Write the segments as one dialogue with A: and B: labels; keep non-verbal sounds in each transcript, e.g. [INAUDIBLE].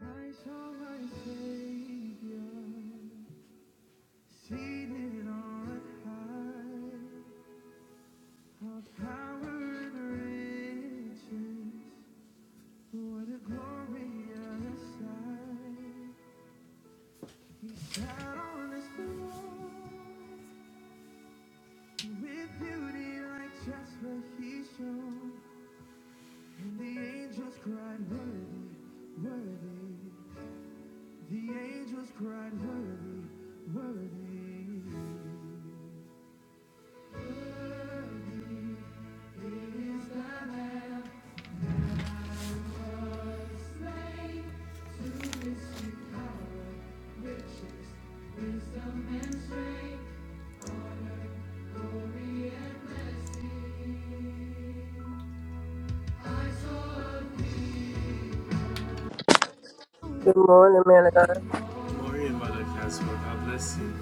A: I saw my Savior seated on high, all power and riches. What a glorious sight! He sat on his throne with beauty like jasper. He shone, and the angels cried, Worthy, worthy. The angels cried, Worthy, worthy.
B: Good morning, man of God.
A: Glory and Mother Caswell, God bless you.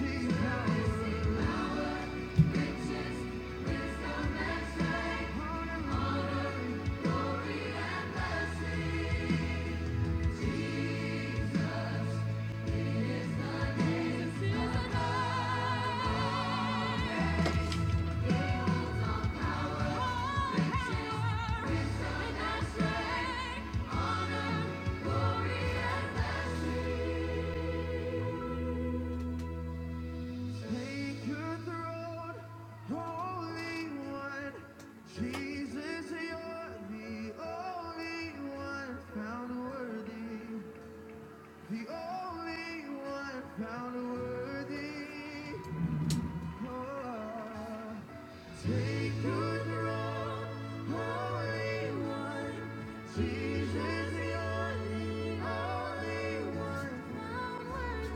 A: Thank you. Honor, glory, and blessing. Take your throne, Holy One. Jesus, you're the only one found worthy. The only one found worthy. Oh. Take your throne, Holy One. Jesus, you're the only one found worthy.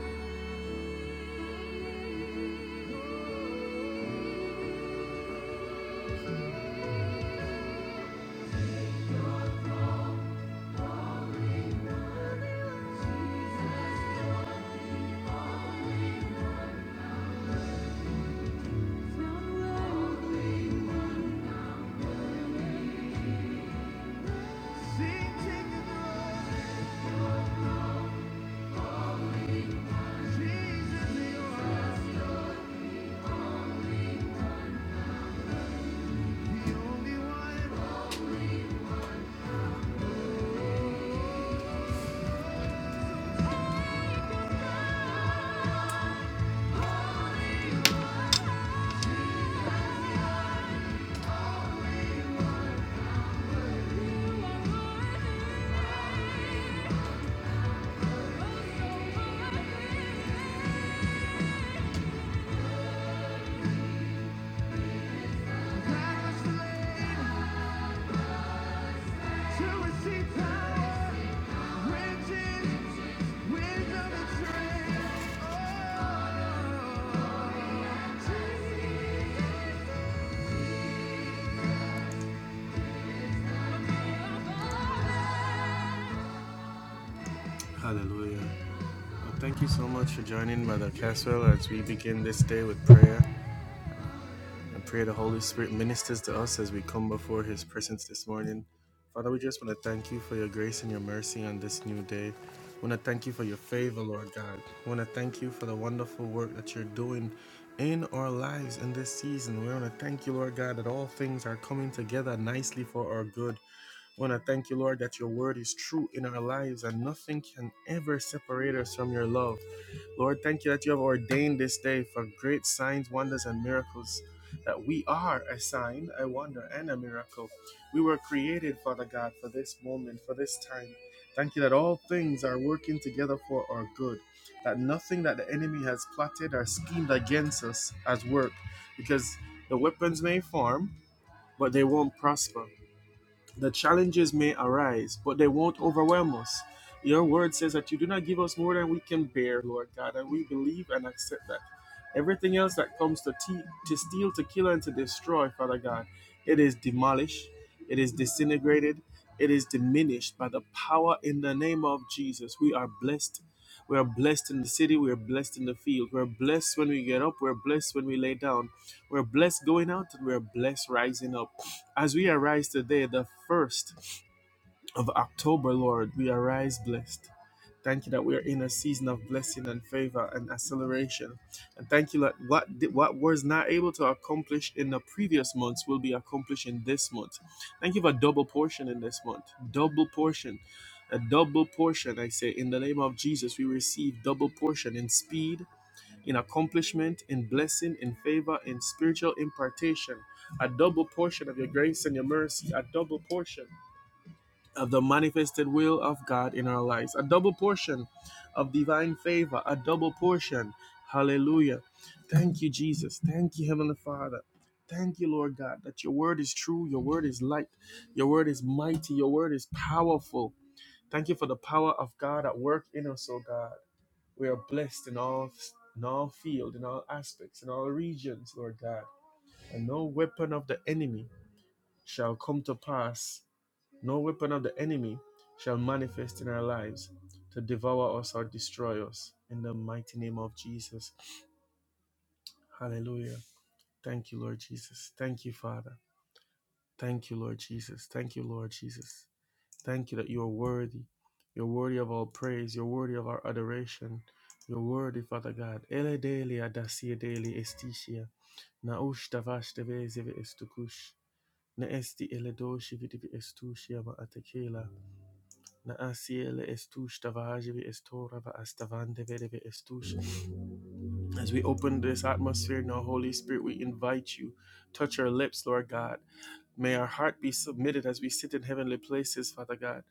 A: Thank you. Oh, Hallelujah. Well, thank you so much for joining Mother Caswell as we begin this day with prayer. and pray the Holy Spirit ministers to us as we come before His presence this morning. Father, we just want to thank you for your grace and your mercy on this new day. We want to thank you for your favor, Lord God. We want to thank you for the wonderful work that you're doing in our lives in this season. We want to thank you, Lord God, that all things are coming together nicely for our good. I want to thank you, Lord, that your word is true in our lives and nothing can ever separate us from your love. Lord, thank you that you have ordained this day for great signs, wonders, and miracles. That we are a sign, a wonder, and a miracle. We were created, Father God, for this moment, for this time. Thank you that all things are working together for our good. That nothing that the enemy has plotted or schemed against us has worked. Because the weapons may form, but they won't prosper. The challenges may arise, but they won't overwhelm us. Your word says that you do not give us more than we can bear, Lord God, and we believe and accept that. Everything else that comes to, te- to steal, to kill, and to destroy, Father God, it is demolished, it is disintegrated, it is diminished by the power in the name of Jesus. We are blessed we are blessed in the city. We are blessed in the field. We're blessed when we get up. We're blessed when we lay down. We're blessed going out and we're blessed rising up. As we arise today, the first of October, Lord, we arise blessed. Thank you that we are in a season of blessing and favor and acceleration. And thank you that what, what was not able to accomplish in the previous months will be accomplished in this month. Thank you for double portion in this month. Double portion. A double portion, I say, in the name of Jesus, we receive double portion in speed, in accomplishment, in blessing, in favor, in spiritual impartation. A double portion of your grace and your mercy. A double portion of the manifested will of God in our lives, a double portion of divine favor, a double portion. Hallelujah. Thank you, Jesus. Thank you, Heavenly Father. Thank you, Lord God, that your word is true, your word is light, your word is mighty, your word is powerful. Thank you for the power of God at work in us, oh God. We are blessed in all in all field, in all aspects, in all regions, Lord God. And no weapon of the enemy shall come to pass no weapon of the enemy shall manifest in our lives to devour us or destroy us. In the mighty name of Jesus. Hallelujah. Thank you, Lord Jesus. Thank you, Father. Thank you, Lord Jesus. Thank you, Lord Jesus. Thank you that you are worthy. You're worthy of all praise. You're worthy of our adoration. You're worthy, Father God. Ele daily adasia daily esticia. Naush davash deveze estukush. Ne esti eledoshi vidivi estushia ma atekela. As we open this atmosphere now, Holy Spirit, we invite you. Touch our lips, Lord God. May our heart be submitted as we sit in heavenly places, Father God.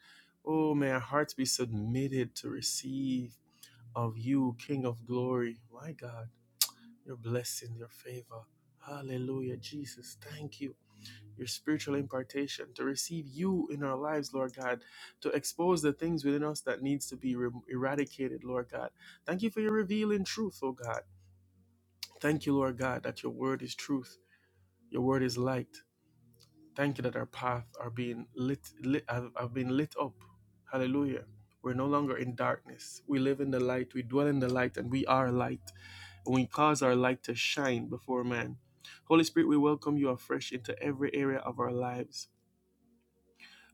A: Oh, may our hearts be submitted to receive of you, King of glory. My God, your blessing, your favor. Hallelujah. Jesus, thank you your spiritual impartation to receive you in our lives lord god to expose the things within us that needs to be re- eradicated lord god thank you for your revealing truth oh god thank you lord god that your word is truth your word is light thank you that our path are being lit, lit have, have been lit up hallelujah we're no longer in darkness. We live in the light. We dwell in the light, and we are light. And we cause our light to shine before man. Holy Spirit, we welcome you afresh into every area of our lives.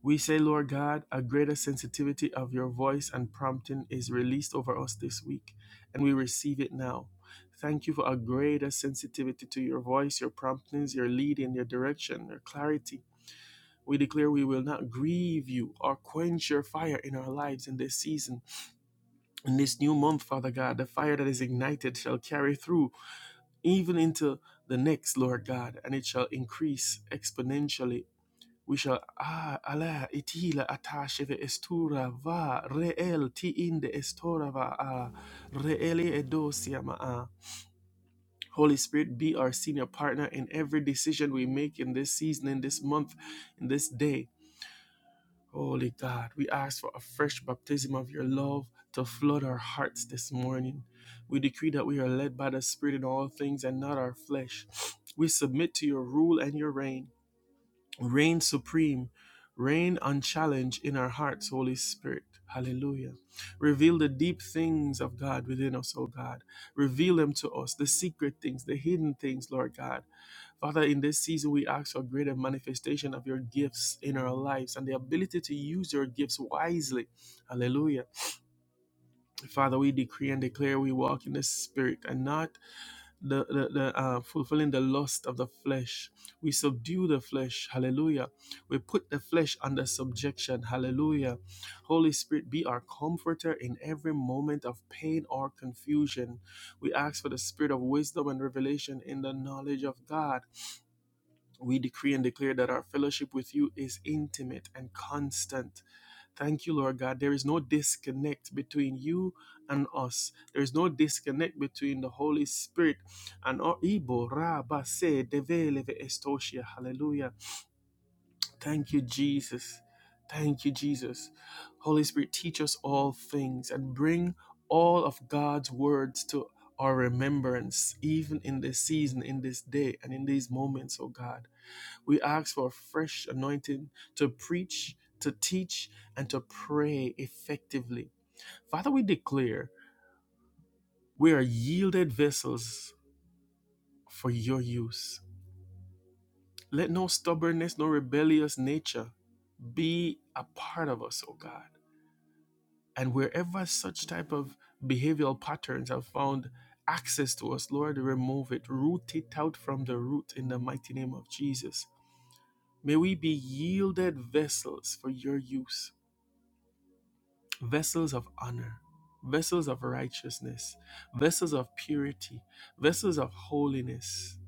A: We say, Lord God, a greater sensitivity of your voice and prompting is released over us this week, and we receive it now. Thank you for a greater sensitivity to your voice, your promptings, your leading, your direction, your clarity. We declare we will not grieve you or quench your fire in our lives in this season. In this new month, Father God, the fire that is ignited shall carry through even into the next, Lord God, and it shall increase exponentially we shall ah ala itila atasheve estura va reel ti inde estora va ah reeli edosia ma ah. Holy Spirit, be our senior partner in every decision we make in this season, in this month, in this day. Holy God, we ask for a fresh baptism of your love to flood our hearts this morning. We decree that we are led by the Spirit in all things and not our flesh. We submit to your rule and your reign. Reign supreme, reign unchallenged in our hearts, Holy Spirit. Hallelujah. Reveal the deep things of God within us, O God. Reveal them to us, the secret things, the hidden things, Lord God. Father, in this season, we ask for greater manifestation of your gifts in our lives and the ability to use your gifts wisely. Hallelujah. Father, we decree and declare we walk in the Spirit and not the, the, the uh, fulfilling the lust of the flesh. We subdue the flesh. Hallelujah. We put the flesh under subjection. Hallelujah. Holy Spirit, be our comforter in every moment of pain or confusion. We ask for the spirit of wisdom and revelation in the knowledge of God. We decree and declare that our fellowship with you is intimate and constant. Thank you, Lord God. There is no disconnect between you and us. There is no disconnect between the Holy Spirit and our Ibo. Rabba se develeve estoshia. Hallelujah. Thank you, Jesus. Thank you, Jesus. Holy Spirit, teach us all things and bring all of God's words to our remembrance, even in this season, in this day, and in these moments, oh God. We ask for a fresh anointing to preach, to teach, and to pray effectively. Father, we declare we are yielded vessels for your use. Let no stubbornness, no rebellious nature be a part of us, oh God. And wherever such type of behavioral patterns have found access to us, Lord, remove it, root it out from the root in the mighty name of Jesus. May we be yielded vessels for your use. vessels of honor, vessels of righteousness, vessels of purity, vessels of holiness.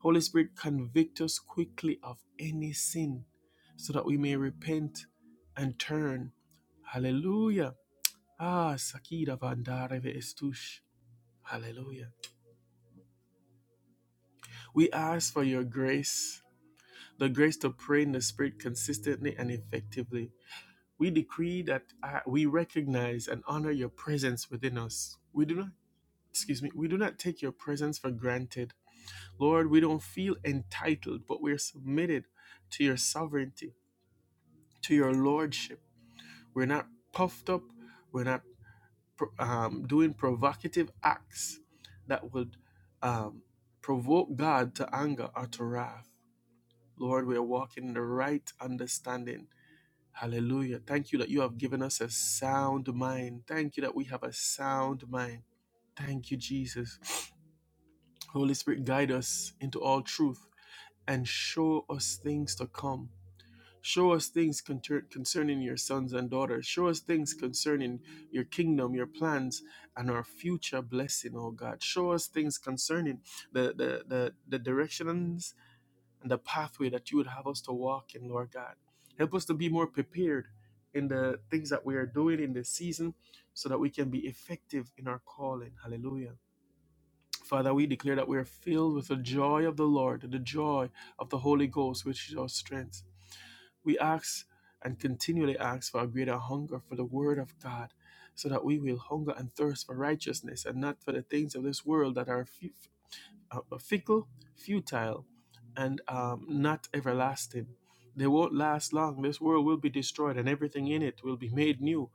A: Holy Spirit, convict us quickly of any sin so that we may repent and turn. Hallelujah. Ah, Sakida Vandareve Estush. Hallelujah. We ask for your grace, the grace to pray in the Spirit consistently and effectively. We decree that uh, we recognize and honor your presence within us. We do not excuse me, we do not take your presence for granted. Lord, we don't feel entitled, but we're submitted to your sovereignty, to your lordship. We're not puffed up, we're not um, doing provocative acts that would um, provoke God to anger or to wrath. Lord, we are walking in the right understanding. Hallelujah. Thank you that you have given us a sound mind. Thank you that we have a sound mind. Thank you, Jesus. Holy Spirit, guide us into all truth and show us things to come. Show us things concerning your sons and daughters. Show us things concerning your kingdom, your plans, and our future blessing, oh God. Show us things concerning the, the, the, the directions and the pathway that you would have us to walk in, Lord God. Help us to be more prepared in the things that we are doing in this season so that we can be effective in our calling. Hallelujah. Father, we declare that we are filled with the joy of the Lord, the joy of the Holy Ghost, which is our strength. We ask and continually ask for a greater hunger for the Word of God, so that we will hunger and thirst for righteousness and not for the things of this world that are uh, uh, fickle, futile, and um, not everlasting. They won't last long. This world will be destroyed and everything in it will be made new.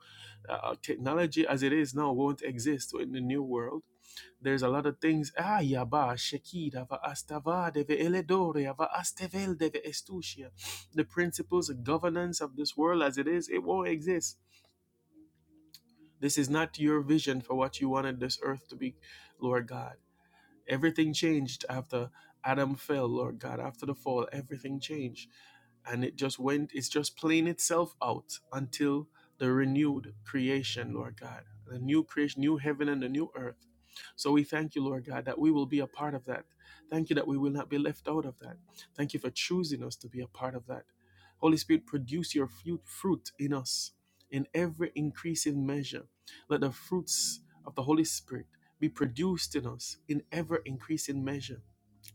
A: Uh, uh, technology as it is now won't exist in the new world there's a lot of things. Ah, yaba, shekida, va astava, deve eledore, va astevel, deve estusia. The principles and governance of this world as it is, it won't exist. This is not your vision for what you wanted this earth to be, Lord God. Everything changed after Adam fell, Lord God. After the fall, everything changed. And it just went, it's just playing itself out until the renewed creation, Lord God. The new creation, new heaven and the new earth. So we thank you, Lord God, that we will be a part of that. Thank you that we will not be left out of that. Thank you for choosing us to be a part of that. Holy Spirit, produce your fruit in us in every increasing measure let the fruits of the Holy Spirit be produced in us in ever increasing measure,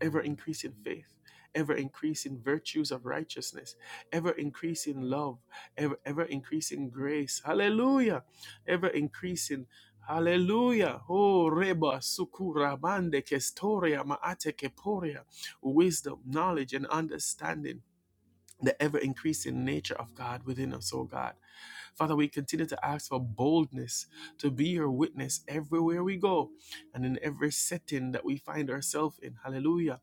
A: ever increasing faith, ever increasing virtues of righteousness, ever increasing love, ever, ever increasing grace. Hallelujah. Ever increasing. Hallelujah. Oh, Reba, Sukura, Bande, Kestoria, Maate, Keporia. Wisdom, knowledge, and understanding the ever increasing nature of God within us, oh God. Father, we continue to ask for boldness to be your witness everywhere we go and in every setting that we find ourselves in. Hallelujah.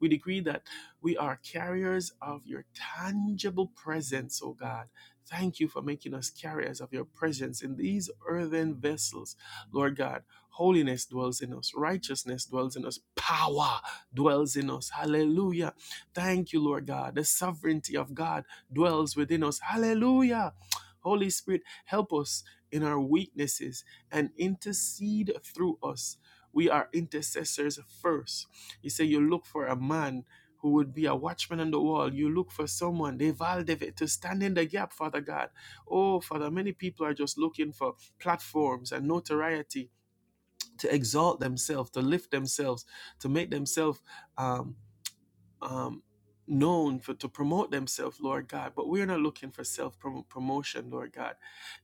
A: We decree that we are carriers of your tangible presence, oh God. Thank you for making us carriers of your presence in these earthen vessels, Lord God. Holiness dwells in us, righteousness dwells in us, power dwells in us. Hallelujah. Thank you, Lord God. The sovereignty of God dwells within us. Hallelujah. [TSK] Holy Spirit, help us in our weaknesses and intercede through us. We are intercessors first. You say you look for a man who would be a watchman on the wall. You look for someone, Deval to stand in the gap, Father God. Oh, Father, many people are just looking for platforms and notoriety to exalt themselves, to lift themselves, to make themselves. um, um, known for to promote themselves, Lord God. But we're not looking for self promotion, Lord God.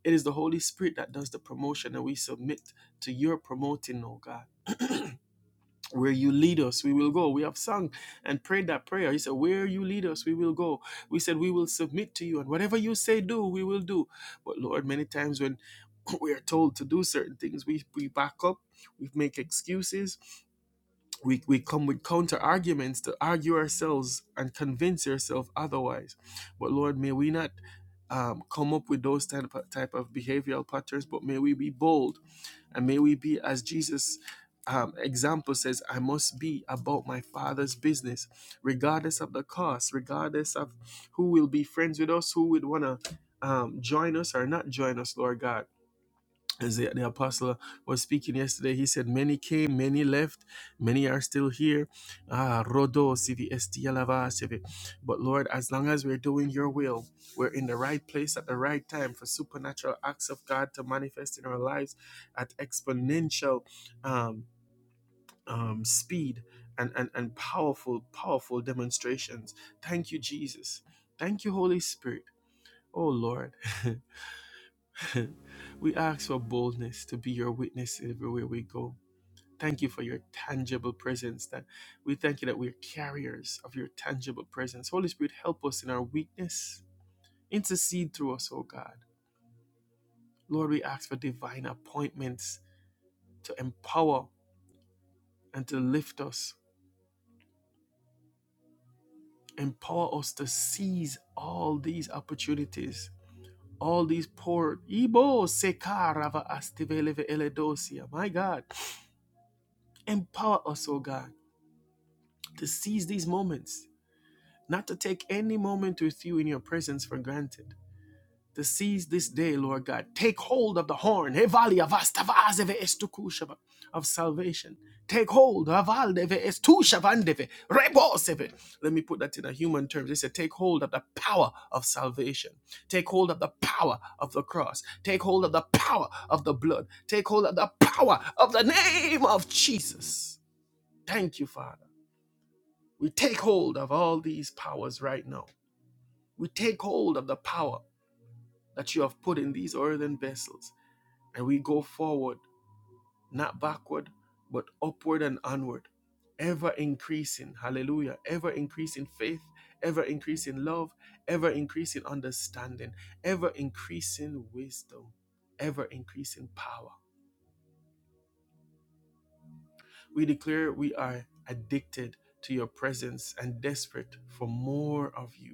A: It is the Holy Spirit that does the promotion, and we submit to your promoting, oh God. Where you lead us, we will go. We have sung and prayed that prayer. He said, Where you lead us, we will go. We said, We will submit to you, and whatever you say, do, we will do. But Lord, many times when [CLEARS THROAT] we are told to do certain things, we, we back up, we make excuses, we, we come with counter arguments to argue ourselves and convince yourself otherwise. But Lord, may we not um, come up with those type of, type of behavioral patterns, but may we be bold and may we be, as Jesus' um, example says, I must be about my Father's business, regardless of the cost, regardless of who will be friends with us, who would want to um, join us or not join us, Lord God as the, the apostle was speaking yesterday, he said, Many came, many left, many are still here. Ah, Rodo, Sivi Esti Alava, Sivi. But Lord, as long as we're doing your will, we're in the right place at the right time for supernatural acts of God to manifest in our lives at exponential um, um, speed and, and, and powerful, powerful demonstrations. Thank you, Jesus. Thank you, Holy Spirit. Oh, Lord. [LAUGHS] [LAUGHS] we ask for boldness to be your witness everywhere we go. Thank you for your tangible presence. That we thank you that we're carriers of your tangible presence. Holy Spirit, help us in our weakness. Intercede through us, O God. Lord, we ask for divine appointments to empower and to lift us. Empower us to seize all these opportunities, all these poor Ibo Sekarava Astiveleve Eledosia. My God. Empower us, O God to seize these moments, not to take any moment with you in your presence for granted. To seize this day, Lord God. Take hold of the horn of salvation. Take hold. Let me put that in a human terms. They said, take hold of the power of salvation. Take hold of the power of the cross. Take hold of the power of the blood. Take hold of the power of the name of Jesus. Thank you, Father. We take hold of all these powers right now. We take hold of the power that you have put in these earthen vessels, and we go forward, not backward, but upward and onward, ever increasing, hallelujah, ever increasing faith, ever increasing love, ever increasing understanding, ever increasing wisdom, ever increasing power. We declare we are addicted to your presence and desperate for more of you.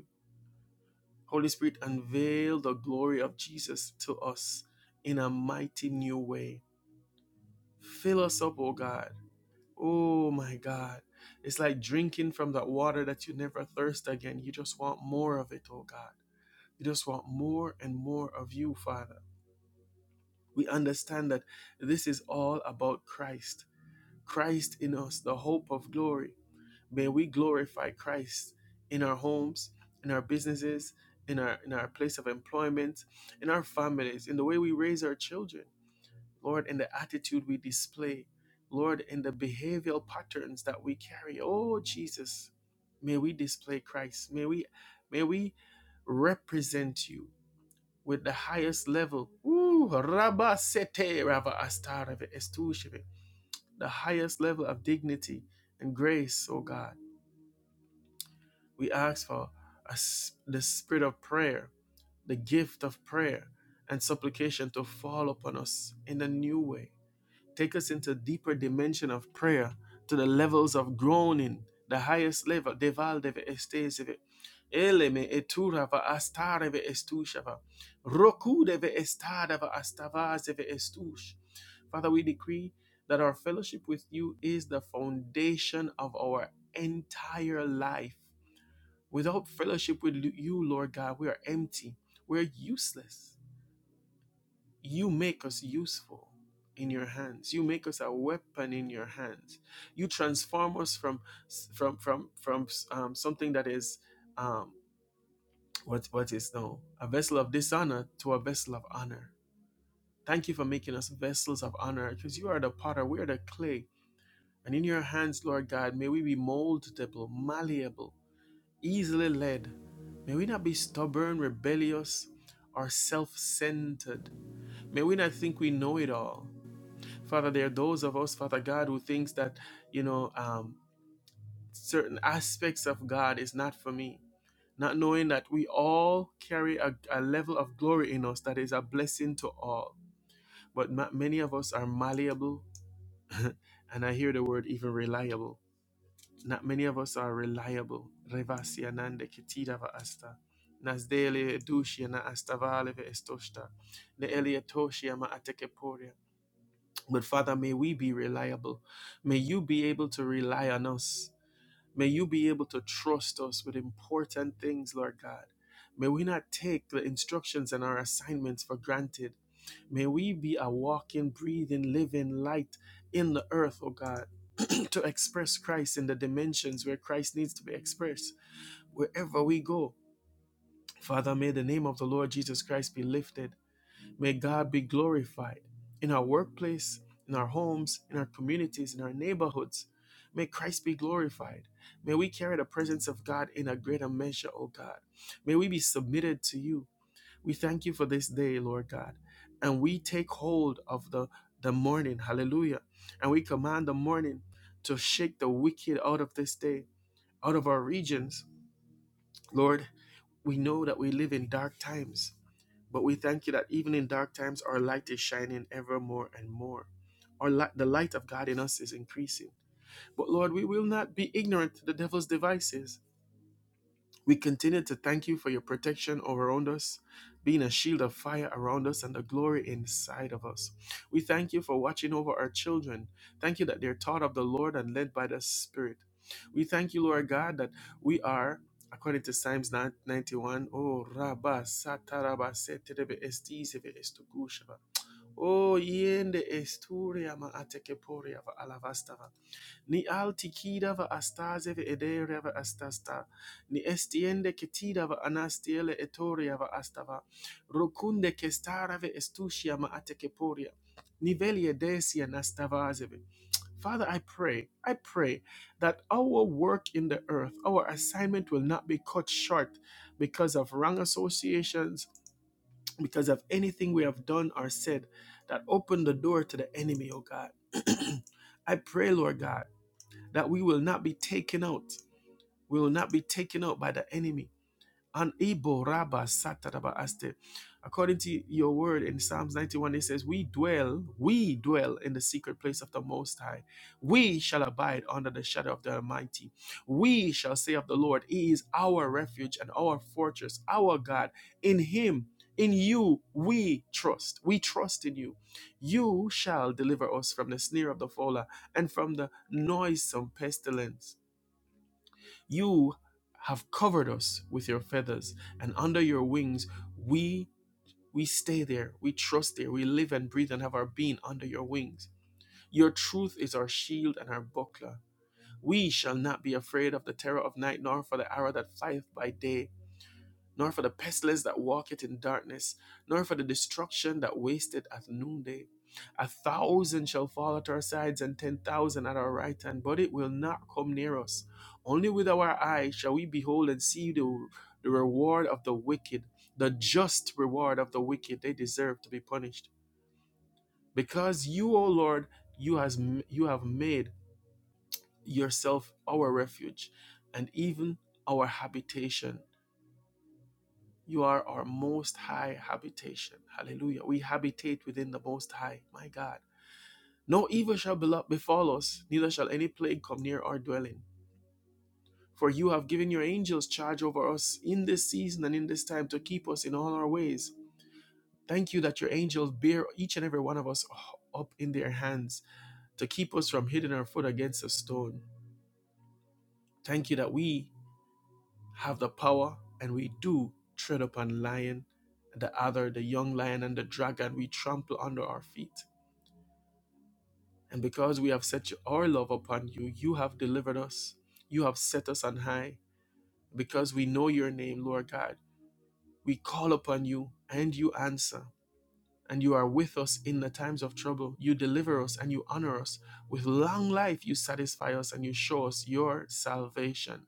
A: Holy Spirit, unveil the glory of Jesus to us in a mighty new way. Fill us up, oh God. Oh my God. It's like drinking from that water that you never thirst again. You just want more of it, oh God. You just want more and more of you, Father. We understand that this is all about Christ. Christ in us, the hope of glory. May we glorify Christ in our homes, in our businesses, in our in our place of employment, in our families, in the way we raise our children, Lord, in the attitude we display, Lord, in the behavioral patterns that we carry. Oh Jesus, may we display Christ. May we may we represent you with the highest level. Ooh, Rabba Sete Rava Astareve Estusheve, the highest level of dignity and grace, oh God. We ask for a s the spirit of prayer, the gift of prayer and supplication to fall upon us in a new way. Take us into a deeper dimension of prayer to the levels of groaning, the highest level. Eleme eturava astareve estushava. Roku estadava astavazeve estush. Father, we decree that our fellowship with you is the foundation of our entire life. Without fellowship with you, Lord God, we are empty. We're useless. You make us useful in your hands. You make us a weapon in your hands. You transform us from from from from um, something that is um, what what is now a vessel of dishonor to a vessel of honor. Thank you for making us vessels of honor because you are the potter, we are the clay. And in your hands, Lord God, may we be moldable, malleable, easily led. May we not be stubborn, rebellious, or self centered. May we not think we know it all. Father, there are those of us, Father God, who thinks that, you know, um, certain aspects of God is not for me. Not knowing that we all carry a, a level of glory in us that is a blessing to all. But ma- many of us are malleable, and I hear the word even reliable Not many of us are reliable. Revasianande ketida va asta. Nasdele edushia na astavale estoshta. Ne eliatoshia ma atekeporia. But Father, may we be reliable. May you be able to rely on us. May you be able to trust us with important things, Lord God. May we not take the instructions and our assignments for granted. May we be a walking, breathing, living light in the earth, oh God, [CLEARS THROAT] to express Christ in the dimensions where Christ needs to be expressed, wherever we go. Father, may the name of the Lord Jesus Christ be lifted. May God be glorified in our workplace, in our homes, in our communities, in our neighborhoods. May Christ be glorified. May we carry the presence of God in a greater measure, O God. May we be submitted to you. We thank you for this day, Lord God. And we take hold of the, the morning, hallelujah. And we command the morning to shake the wicked out of this day, out of our regions, Lord, we know that we live in dark times, but we thank you that even in dark times, our light is shining ever more and more. Our light, the light of God in us is increasing. But Lord, we will not be ignorant to the devil's devices. We continue to thank you for your protection around us, being a shield of fire around us and the glory inside of us. We thank you for watching over our children. Thank you that they're taught of the Lord and led by the Spirit. We thank you, Lord God, that we are. According to Psalms 91, oh, Rabba Sataraba Seterebe Estizive O yende esturia ma atekeporia va alavastava. Ni alti kida va astaze ve ederia astasta. Ni estiende ketida va anastiele etoria va astava. Rukunde kestara ve estusia ma atekeporia. Ni veli edesia nastavazeve. Father, I pray, I pray that our work in the earth, our assignment will not be cut short because of wrong associations, because of anything we have done or said that opened the door to the enemy, oh God. [CLEARS THROAT] I pray, Lord God, that we will not be taken out. We will not be taken out by the enemy an Ibo Rabba Sataraba Aste. According to your word in Psalms 91, it says, We dwell, we dwell in the secret place of the Most High. We shall abide under the shadow of the Almighty. We shall say of the Lord, He is our refuge and our fortress, our God. In Him, in you, we trust. We trust in you. You shall deliver us from the snare of the fowler and from the noisome pestilence. You have covered us with your feathers, and under your wings we we stay there, we trust there, we live and breathe and have our being under your wings. Your truth is our shield and our buckler. We shall not be afraid of the terror of night, nor for the arrow that flieth by day, nor for the pestilence that walketh in darkness, nor for the destruction that wasteth at noonday. A thousand shall fall at our sides, and ten thousand at our right hand, but it will not come near us. Only with our eyes shall we behold and see the, the reward of the wicked, the just reward of the wicked. They deserve to be punished. Because you, O Lord, you, has, you have made yourself our refuge, and even our habitation. You are our most high habitation. Hallelujah. We habitate within the most high, my God. No evil shall befall us, neither shall any plague come near our dwelling. For you have given your angels charge over us in this season and in this time to keep us in all our ways. Thank you that your angels bear each and every one of us up in their hands to keep us from hitting our foot against a stone. Thank you that we have the power, and we do tread upon lion, the other, the young lion, and the dragon we trample under our feet. And because we have set our love upon you, you have delivered us, you have set us on high. Because we know your name, Lord God, we call upon you, and you answer. And you are with us in the times of trouble. You deliver us and you honor us. With long life, you satisfy us and you show us your salvation.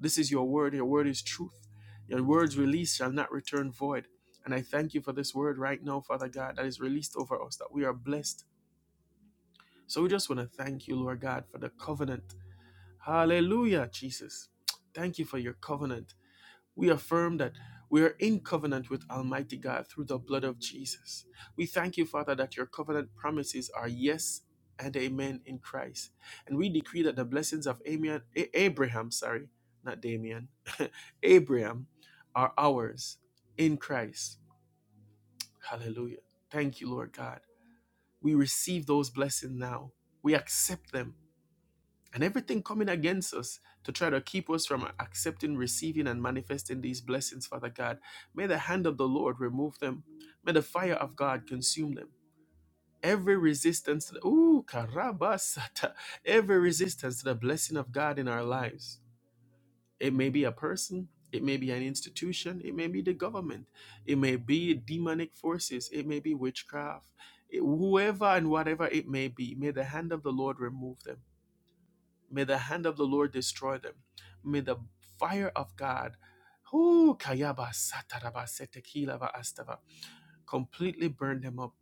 A: This is your word. Your word is truth. Your words released shall not return void. And I thank you for this word right now, Father God, that is released over us, that we are blessed. So we just want to thank you, Lord God, for the covenant. Hallelujah, Jesus. Thank you for your covenant. We affirm that we are in covenant with Almighty God through the blood of Jesus. We thank you, Father, that your covenant promises are yes and amen in Christ. And we decree that the blessings of Amian, A- Abraham, sorry, not Damian, [LAUGHS] Abraham are ours in Christ. Hallelujah. Thank you, Lord God. We receive those blessings now. We accept them and everything coming against us to try to keep us from accepting, receiving, and manifesting these blessings, Father God. May the hand of the Lord remove them. May the fire of God consume them. Every resistance, to the, ooh, karabasata, every resistance to the blessing of God in our lives. It may be a person, it may be an institution, it may be the government, it may be demonic forces, it may be witchcraft, It- whoever and whatever it may be. May the hand of the Lord remove them May the hand of the Lord destroy them. May the fire of God, whoo, kayaba sataraba setekilava astava, completely burn them up.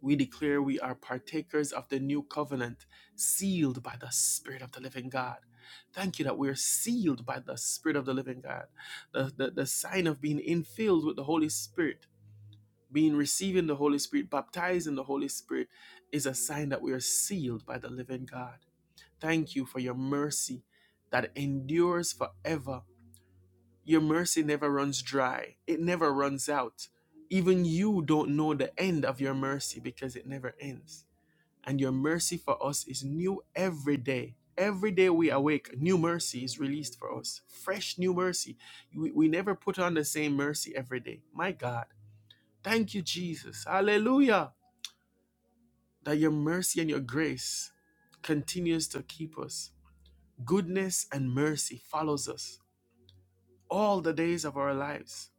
A: We declare we are partakers of the new covenant, sealed by the Spirit of the living God. Thank you that we are sealed by the Spirit of the living God. The, the, the sign of being infilled with the Holy Spirit, being receiving the Holy Spirit, baptized in the Holy Spirit, is a sign that we are sealed by the living God. Thank you for your mercy that endures forever. Your mercy never runs dry, it never runs out. Even you don't know the end of your mercy because it never ends. And your mercy for us is new every day. Every day we awake, new mercy is released for us. Fresh new mercy. We, we never put on the same mercy every day. My God. Thank you, Jesus. Hallelujah. That your mercy and your grace continues to keep us Goodness and mercy follows us all the days of our lives.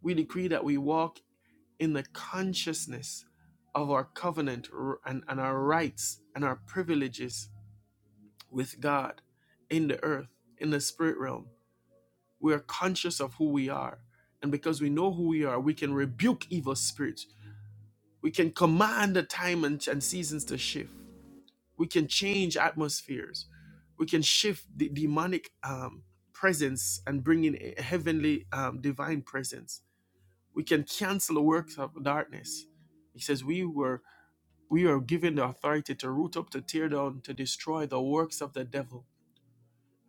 A: We decree that we walk in the consciousness of our covenant and, and our rights and our privileges with God in the earth, in the spirit realm. We are conscious of who we are. And because we know who we are, we can rebuke evil spirits. We can command the time and, and seasons to shift. we can change atmospheres we can shift the demonic um, presence and bring in a heavenly um, divine presence we can cancel the works of darkness he says we were we are given the authority to root up to tear down to destroy the works of the devil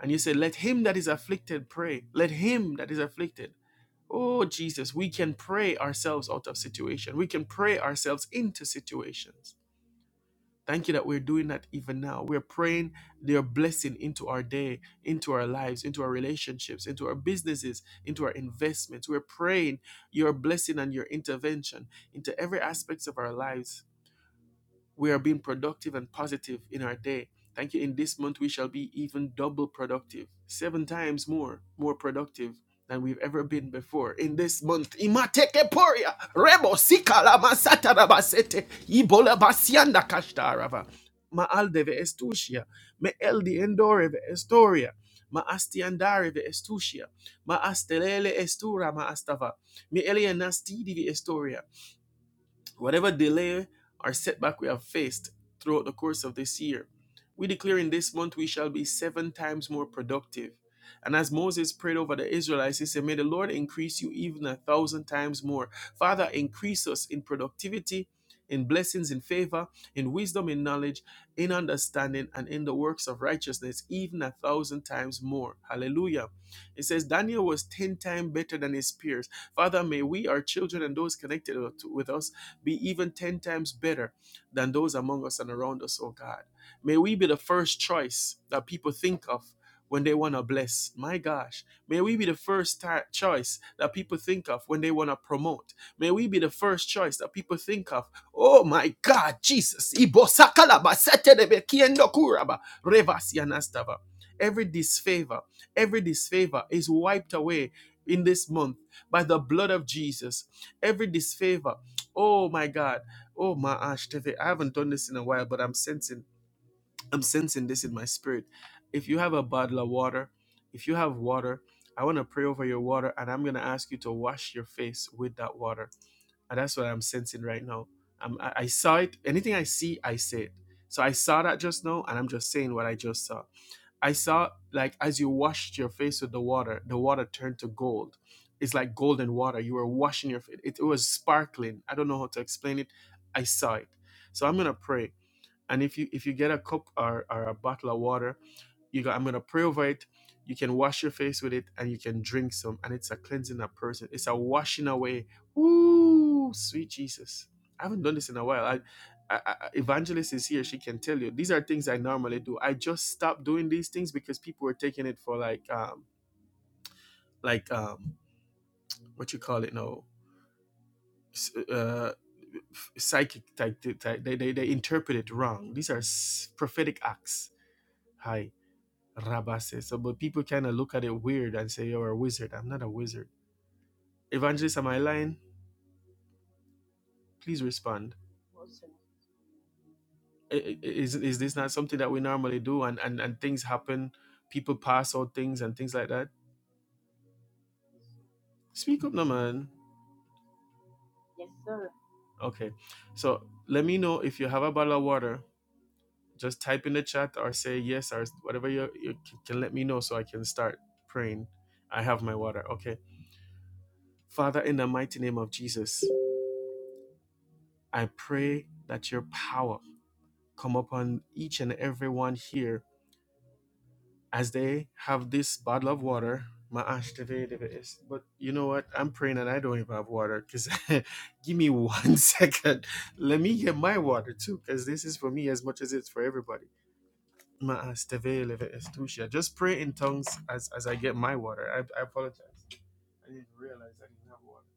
A: and you say let him that is afflicted pray let him that is afflicted oh jesus we can pray ourselves out of situation we can pray ourselves into situations Thank you that we're doing that even now. We're praying their blessing into our day, into our lives, into our relationships, into our businesses, into our investments. We're praying your blessing and your intervention into every aspect of our lives we are being productive and positive in our day. Thank you. In this month, we shall be even double productive, seven times more, more productive than we've ever been before. In this month, imateke poria, rebo sikala masata rabasete, ibola basianda kashtarava, maaldeve estusia, me eldi endoreve estoria, ma astiandareve estusia, ma astelele estura ma astava, me elianastidi estoria. Whatever delay or setback we have faced throughout the course of this year, we declare in this month we shall be seven times more productive. And as Moses prayed over the Israelites, he said, May the Lord increase you even a thousand times more. Father, increase us in productivity, in blessings, in favor, in wisdom, in knowledge, in understanding, and in the works of righteousness, even a thousand times more. Hallelujah. It says, Daniel was 10 times better than his peers. Father, may we, our children, and those connected with us be even 10 times better than those among us and around us, oh God. May we be the first choice that people think of when they want to bless. My gosh. May we be the first ti- choice that people think of when they want to promote. May we be the first choice that people think of. Oh my God, Jesus. Ibo sakalaba setelebe kiendo kuraba revas yanastava. Every disfavor, every disfavor is wiped away in this month by the blood of Jesus. Every disfavor, Oh my God. Oh my Ash Tefe. I haven't done this in a while, but I'm sensing I'm sensing this in my spirit. If you have a bottle of water, if you have water, I want to pray over your water and I'm gonna ask you to wash your face with that water. And that's what I'm sensing right now. I'm, I I saw it. Anything I see, I say it. So I saw that just now, and I'm just saying what I just saw. I saw like as you washed your face with the water, the water turned to gold. It's like golden water. You were washing your face. It, it was sparkling. I don't know how to explain it. I saw it. So I'm gonna pray. And if you if you get a cup or, or a bottle of water, you go, I'm gonna pray over it. You can wash your face with it and you can drink some. And it's a cleansing a person. It's a washing away. Ooh, Sweet Jesus. I haven't done this in a while. I, I, I- evangelist is here. She can tell you. These are things I normally do. I just stopped doing these things because people were taking it for like, um, like um, what you call it now, uh, psychic type. type they, they they interpret it wrong. These are prophetic acts. Hi. Rabase. So, but people kind of look at it weird and say, "You're a wizard." I'm not a wizard. Evangelist, am I lying? Please respond. Is is this not something that we normally do? And and and things happen. People pass out things and things like that. Speak up, no man. Okay. So let me know if you have a bottle of water. Just type in the chat or say yes or whatever you, you can. Let me know so I can start praying. I have my water. Okay. Father, in the mighty name of Jesus, I pray that your power come upon each and every one here as they have this bottle of water. My ash today, they is- But you know what? I'm praying and I don't even have water because [LAUGHS] give me one [LAUGHS] second. Let me get my water too because this is for me as much as it's for everybody. My ash today, they is too Just pray in tongues as, as I get my water. I, I apologize. I didn't realize I didn't have water.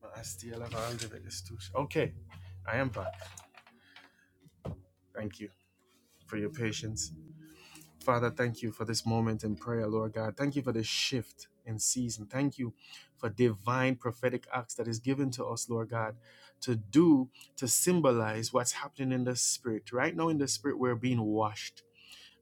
A: But I still have all of it. It's too okay. I am back. Thank you for your patience. Father, thank you for this moment in prayer, Lord God. Thank you for this shift in season. Thank you for divine prophetic acts that is given to us, Lord God, to do to symbolize what's happening in the spirit. Right now in the spirit, we're being washed.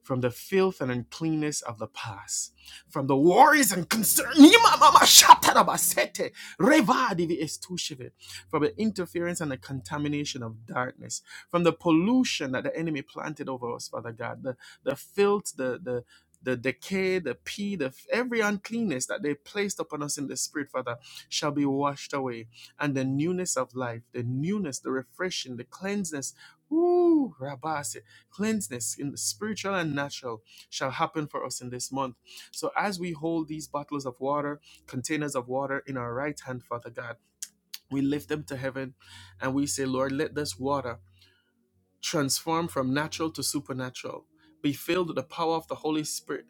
A: from the filth and uncleanness of the past, from the worries and concerns, from the interference and the contamination of darkness, from the pollution that the enemy planted over us, Father God, the, the filth, the, the, the decay, the pee, the every uncleanness that they placed upon us in the spirit, Father, shall be washed away. And the newness of life, the newness, the refreshing, the cleansedness, ooh, Rabasi cleansedness in the spiritual and natural shall happen for us in this month. So as we hold these bottles of water, containers of water in our right hand, Father God, we lift them to heaven and we say, Lord, let this water transform from natural to supernatural. Be filled with the power of the Holy Spirit.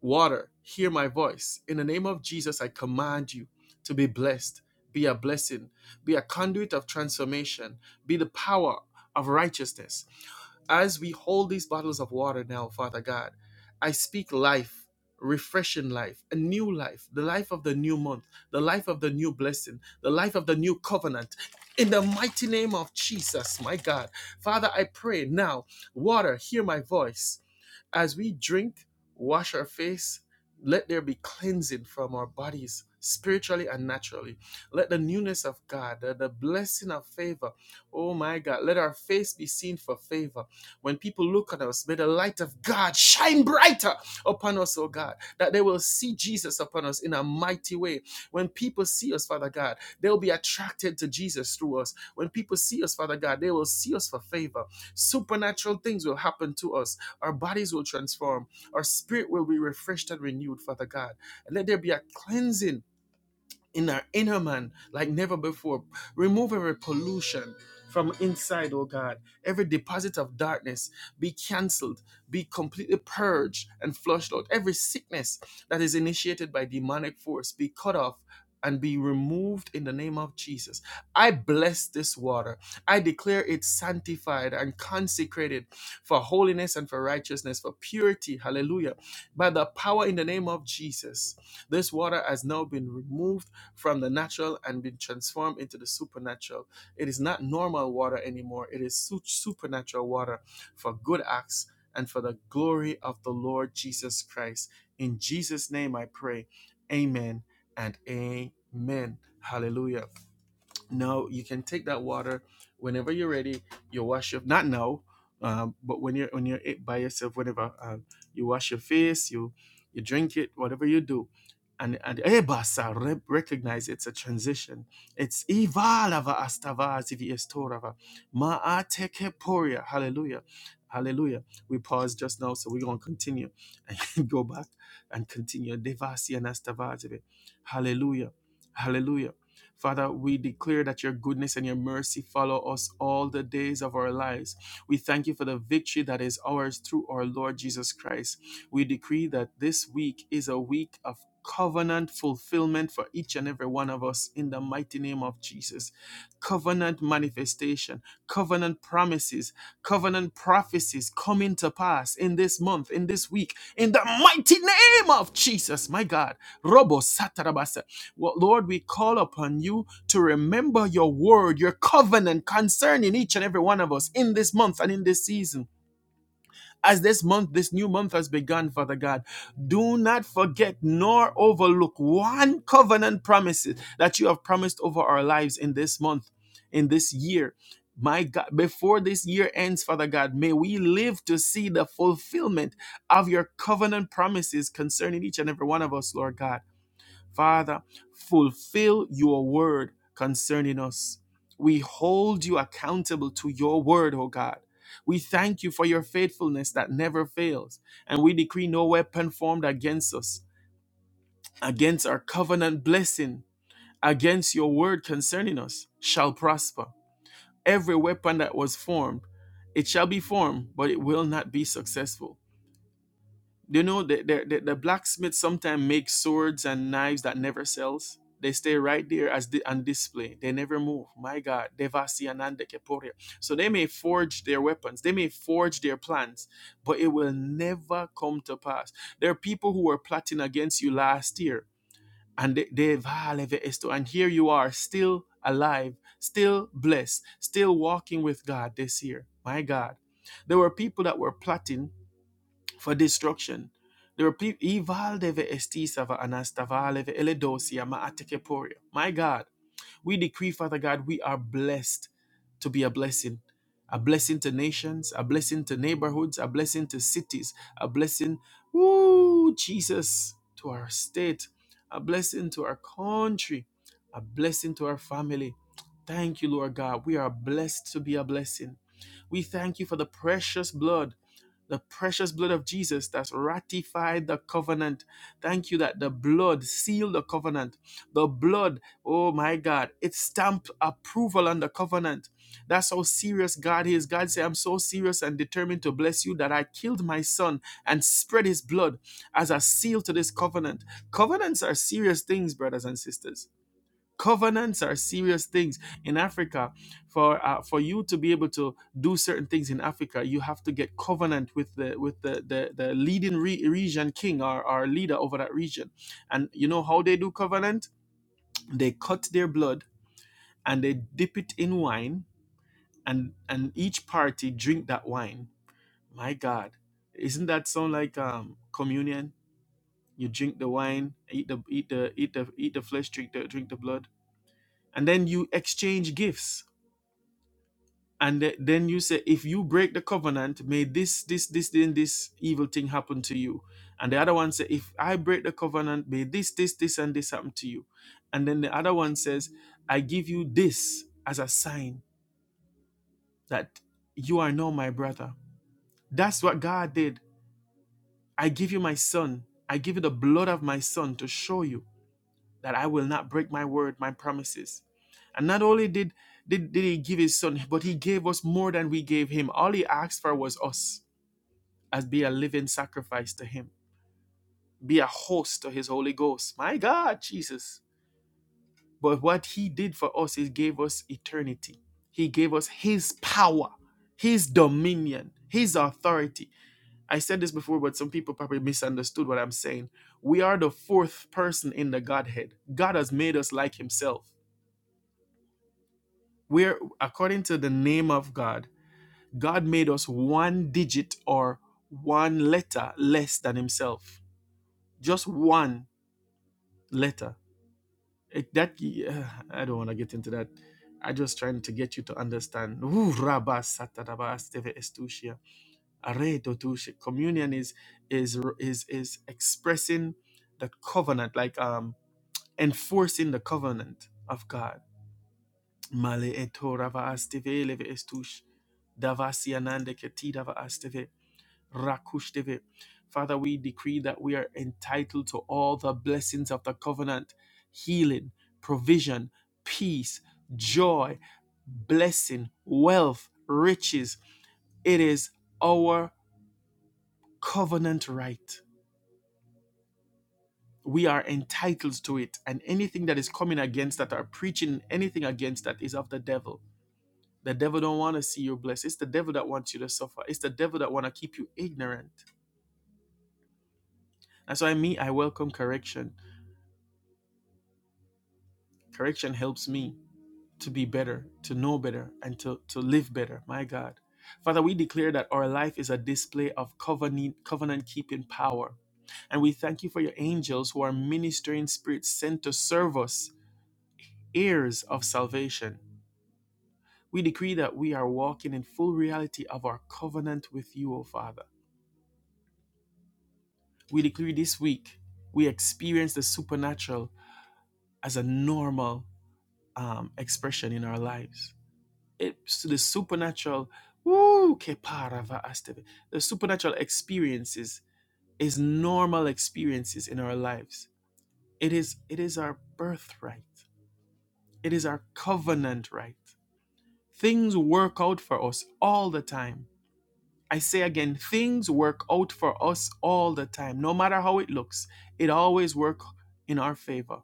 A: Water, hear my voice. In the name of Jesus, I command you to be blessed. Be a blessing. Be a conduit of transformation. Be the power of righteousness as we hold these bottles of water now, Father God, I speak life, refreshing life, a new life, the life of the new month, the life of the new blessing, the life of the new covenant. In the mighty name of Jesus, my God. Father, I pray now, water, hear my voice. As we drink, wash our face, let there be cleansing from our bodies, spiritually and naturally. Let the newness of God, the, the blessing of favor, oh my God, let our face be seen for favor. When people look at us, may the light of God shine brighter upon us, oh God, that they will see Jesus upon us in a mighty way. When people see us, Father God, they'll be attracted to Jesus through us. When people see us, Father God, they will see us for favor. Supernatural things will happen to us. Our bodies will transform. Our spirit will be refreshed and renewed, Father God. And let there be a cleansing in our inner man like never before. Remove every pollution from inside, oh God. Every deposit of darkness be canceled, be completely purged and flushed out. Every sickness that is initiated by demonic force be cut off. And be removed in the name of Jesus. I bless this water. I declare it sanctified and consecrated for holiness and for righteousness, for purity. Hallelujah. By the power in the name of Jesus, this water has now been removed from the natural and been transformed into the supernatural. It is not normal water anymore, it is su- supernatural water for good acts and for the glory of the Lord Jesus Christ. In Jesus' name I pray. Amen and amen. Hallelujah. No, you can take that water whenever you're ready. You wash your not now, um, but when you're when you're it by yourself, whatever. Um, you wash your face. You you drink it, whatever you do, and and ebasa re- recognize it's a transition. It's ivalava astava zivi estorava maateke poria. Hallelujah, hallelujah. We paused just now, so we're gonna continue. [LAUGHS] Go back and continue. Devasi and Hallelujah. Hallelujah. Father, we declare that your goodness and your mercy follow us all the days of our lives. We thank you for the victory that is ours through our Lord Jesus Christ. We decree that this week is a week of covenant fulfillment for each and every one of us in the mighty name of Jesus. Covenant manifestation, covenant promises covenant prophecies coming to pass in this month, in this week, in the mighty name of Jesus, my God. Robo Satarabasa. Well, Lord, we call upon you to remember your word, your covenant concerning each and every one of us in this month and in this season as this month, this new month has begun, Father God, do not forget nor overlook one covenant promise that you have promised over our lives in this month, in this year. My God, before this year ends, Father God, may we live to see the fulfillment of your covenant promises concerning each and every one of us, Lord God. Father, fulfill your word concerning us. We hold you accountable to your word, O God. We thank you for your faithfulness that never fails, and we decree no weapon formed against us, against our covenant blessing, against your word concerning us, shall prosper. Every weapon that was formed, it shall be formed, but it will not be successful. Do you know the, the, the, the blacksmith sometimes makes swords and knives that never sells? They stay right there as the, on display. They never move. My God, Devasi Ananda Keporia. So they may forge their weapons, they may forge their plans, but it will never come to pass. There are people who were plotting against you last year, and they, they "Valeve esto," and here you are, still alive, still blessed, still walking with God this year. My God, there were people that were plotting for destruction. There are people, Ival deve estisava anastavaleve eledosia ma My God, we decree, Father God, we are blessed to be a blessing. A blessing to nations, a blessing to neighborhoods, a blessing to cities, a blessing, woo, Jesus, to our state, a blessing to our country, a blessing to our family. Thank you, Lord God. We are blessed to be a blessing. We thank you for the precious blood the precious blood of Jesus that's ratified the covenant. Thank you that the blood sealed the covenant. The blood, oh my God, it stamped approval on the covenant. That's how serious God is. God said, I'm so serious and determined to bless you that I killed my son and spread his blood as a seal to this covenant. Covenants are serious things, brothers and sisters covenants are serious things in africa for uh, for you to be able to do certain things in africa you have to get covenant with the with the the, the leading re- region king or, or leader over that region and you know how they do covenant they cut their blood and they dip it in wine and and each party drink that wine my god isn't that sound like um communion you drink the wine eat the eat the eat the eat the flesh drink the drink the blood and then you exchange gifts and th- then you say if you break the covenant may this this this then this evil thing happen to you and the other one say if i break the covenant may this this this and this happen to you and then the other one says i give you this as a sign that you are now my brother that's what god did i give you my son i give you the blood of my son to show you that i will not break my word my promises and not only did did, did he give his son but he gave us more than we gave him all he asked for was us as be a living sacrifice to him, be a host to his Holy Ghost. My God, Jesus. But what he did for us is gave us eternity. He gave us his power, his dominion, his authority. I said this before, but some people probably misunderstood what I'm saying. We are the fourth person in the Godhead. God has made us like himself. We're according to the name of God, God made us one digit or one letter less than himself. Just one later. It, that uh, I don't want to get into that. I just trying to get you to understand. Communion is is is is expressing the covenant, like um enforcing the covenant of God. Male eto rava asteve eleve estush. Davasi anande keti dava asteve. Rakushteve. Father, we decree that we are entitled to all the blessings of the covenant healing, provision, peace, joy, blessing, wealth, riches. It is our covenant right. We are entitled to it, and anything that is coming against that, or preaching anything against that, is of the devil. The devil don't want to see you blessed. It's the devil that wants you to suffer. It's the devil that want to keep you ignorant. And so I mean, I welcome correction Correction helps me to be better, to know better, and to, to live better. My God. Father, we declare that our life is a display of covenant covenant keeping power. And we thank you for your angels who are ministering spirits sent to serve us, heirs of salvation. We decree that we are walking in full reality of our covenant with you, O Father. We decree this week we experience the supernatural as a normal um, expression in our lives. it's the supernatural woo, ke parava asteve. the supernatural experiences is normal experiences in our lives it is it is our birthright it is our covenant right things work out for us all the time i say again things work out for us all the time no matter how it looks it always works in our favor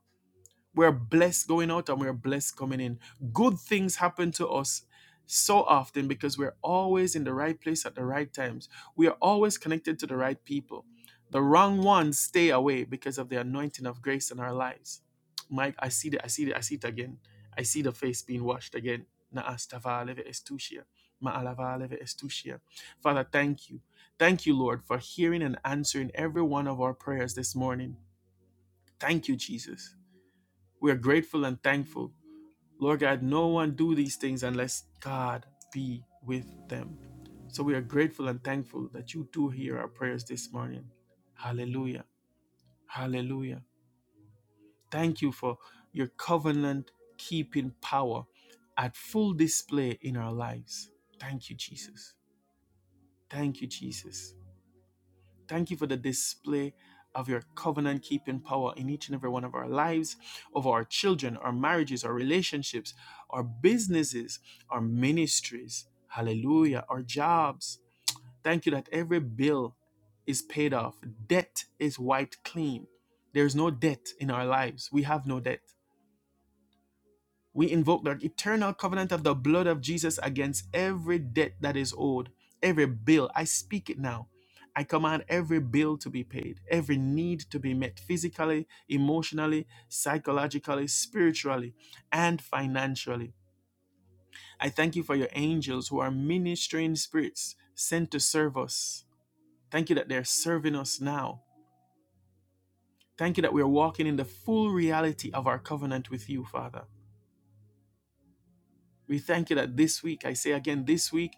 A: We're blessed going out and we're blessed coming in. Good things happen to us so often because we're always in the right place at the right times. We are always connected to the right people. The wrong ones stay away because of the anointing of grace in our lives. Mike, I see it. I see it. I see it again. I see the face being washed again. Na'astava leve estusia. Ma'alava leve estusia. Father, thank you. Thank you, Lord, for hearing and answering every one of our prayers this morning. Thank you, Jesus. We are grateful and thankful. Lord God, no one do these things unless God be with them. So we are grateful and thankful that you do hear our prayers this morning. Hallelujah. Hallelujah. Thank you for your covenant keeping power at full display in our lives. Thank you, Jesus. Thank you, Jesus. Thank you for the display of your covenant keeping power in each and every one of our lives, of our children, our marriages, our relationships, our businesses, our ministries. Hallelujah. Our jobs. Thank you that every bill is paid off, debt is wiped clean. There's no debt in our lives. We have no debt. We invoke the eternal covenant of the blood of Jesus against every debt that is owed, every bill. I speak it now. I command every bill to be paid, every need to be met physically, emotionally, psychologically, spiritually, and financially. I thank you for your angels who are ministering spirits sent to serve us. Thank you that they're serving us now. Thank you that we are walking in the full reality of our covenant with you, Father. We thank you that this week, I say again, this week,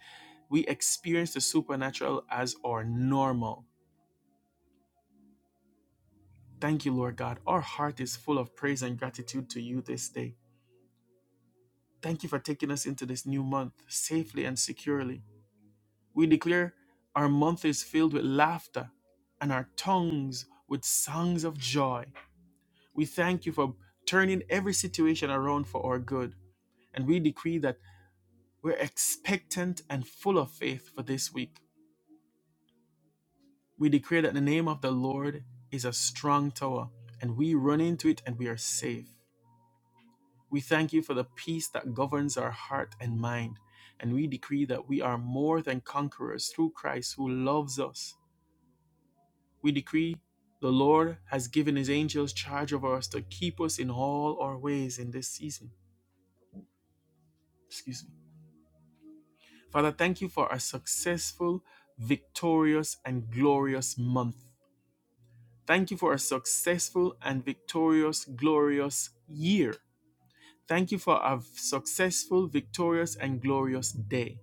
A: we experience the supernatural as our normal. Thank you, Lord God. Our heart is full of praise and gratitude to you this day. Thank you for taking us into this new month safely and securely. We declare our month is filled with laughter and our tongues with songs of joy. We thank you for turning every situation around for our good. And we decree that we're expectant and full of faith for this week. We declare that the name of the Lord is a strong tower, and we run into it and we are safe. We thank you for the peace that governs our heart and mind, and we decree that we are more than conquerors through Christ who loves us. We decree the Lord has given his angels charge over us to keep us in all our ways in this season. Excuse me. Father, thank you for a successful, victorious, and glorious month. Thank you for a successful and victorious, glorious year. Thank you for a successful, victorious, and glorious day.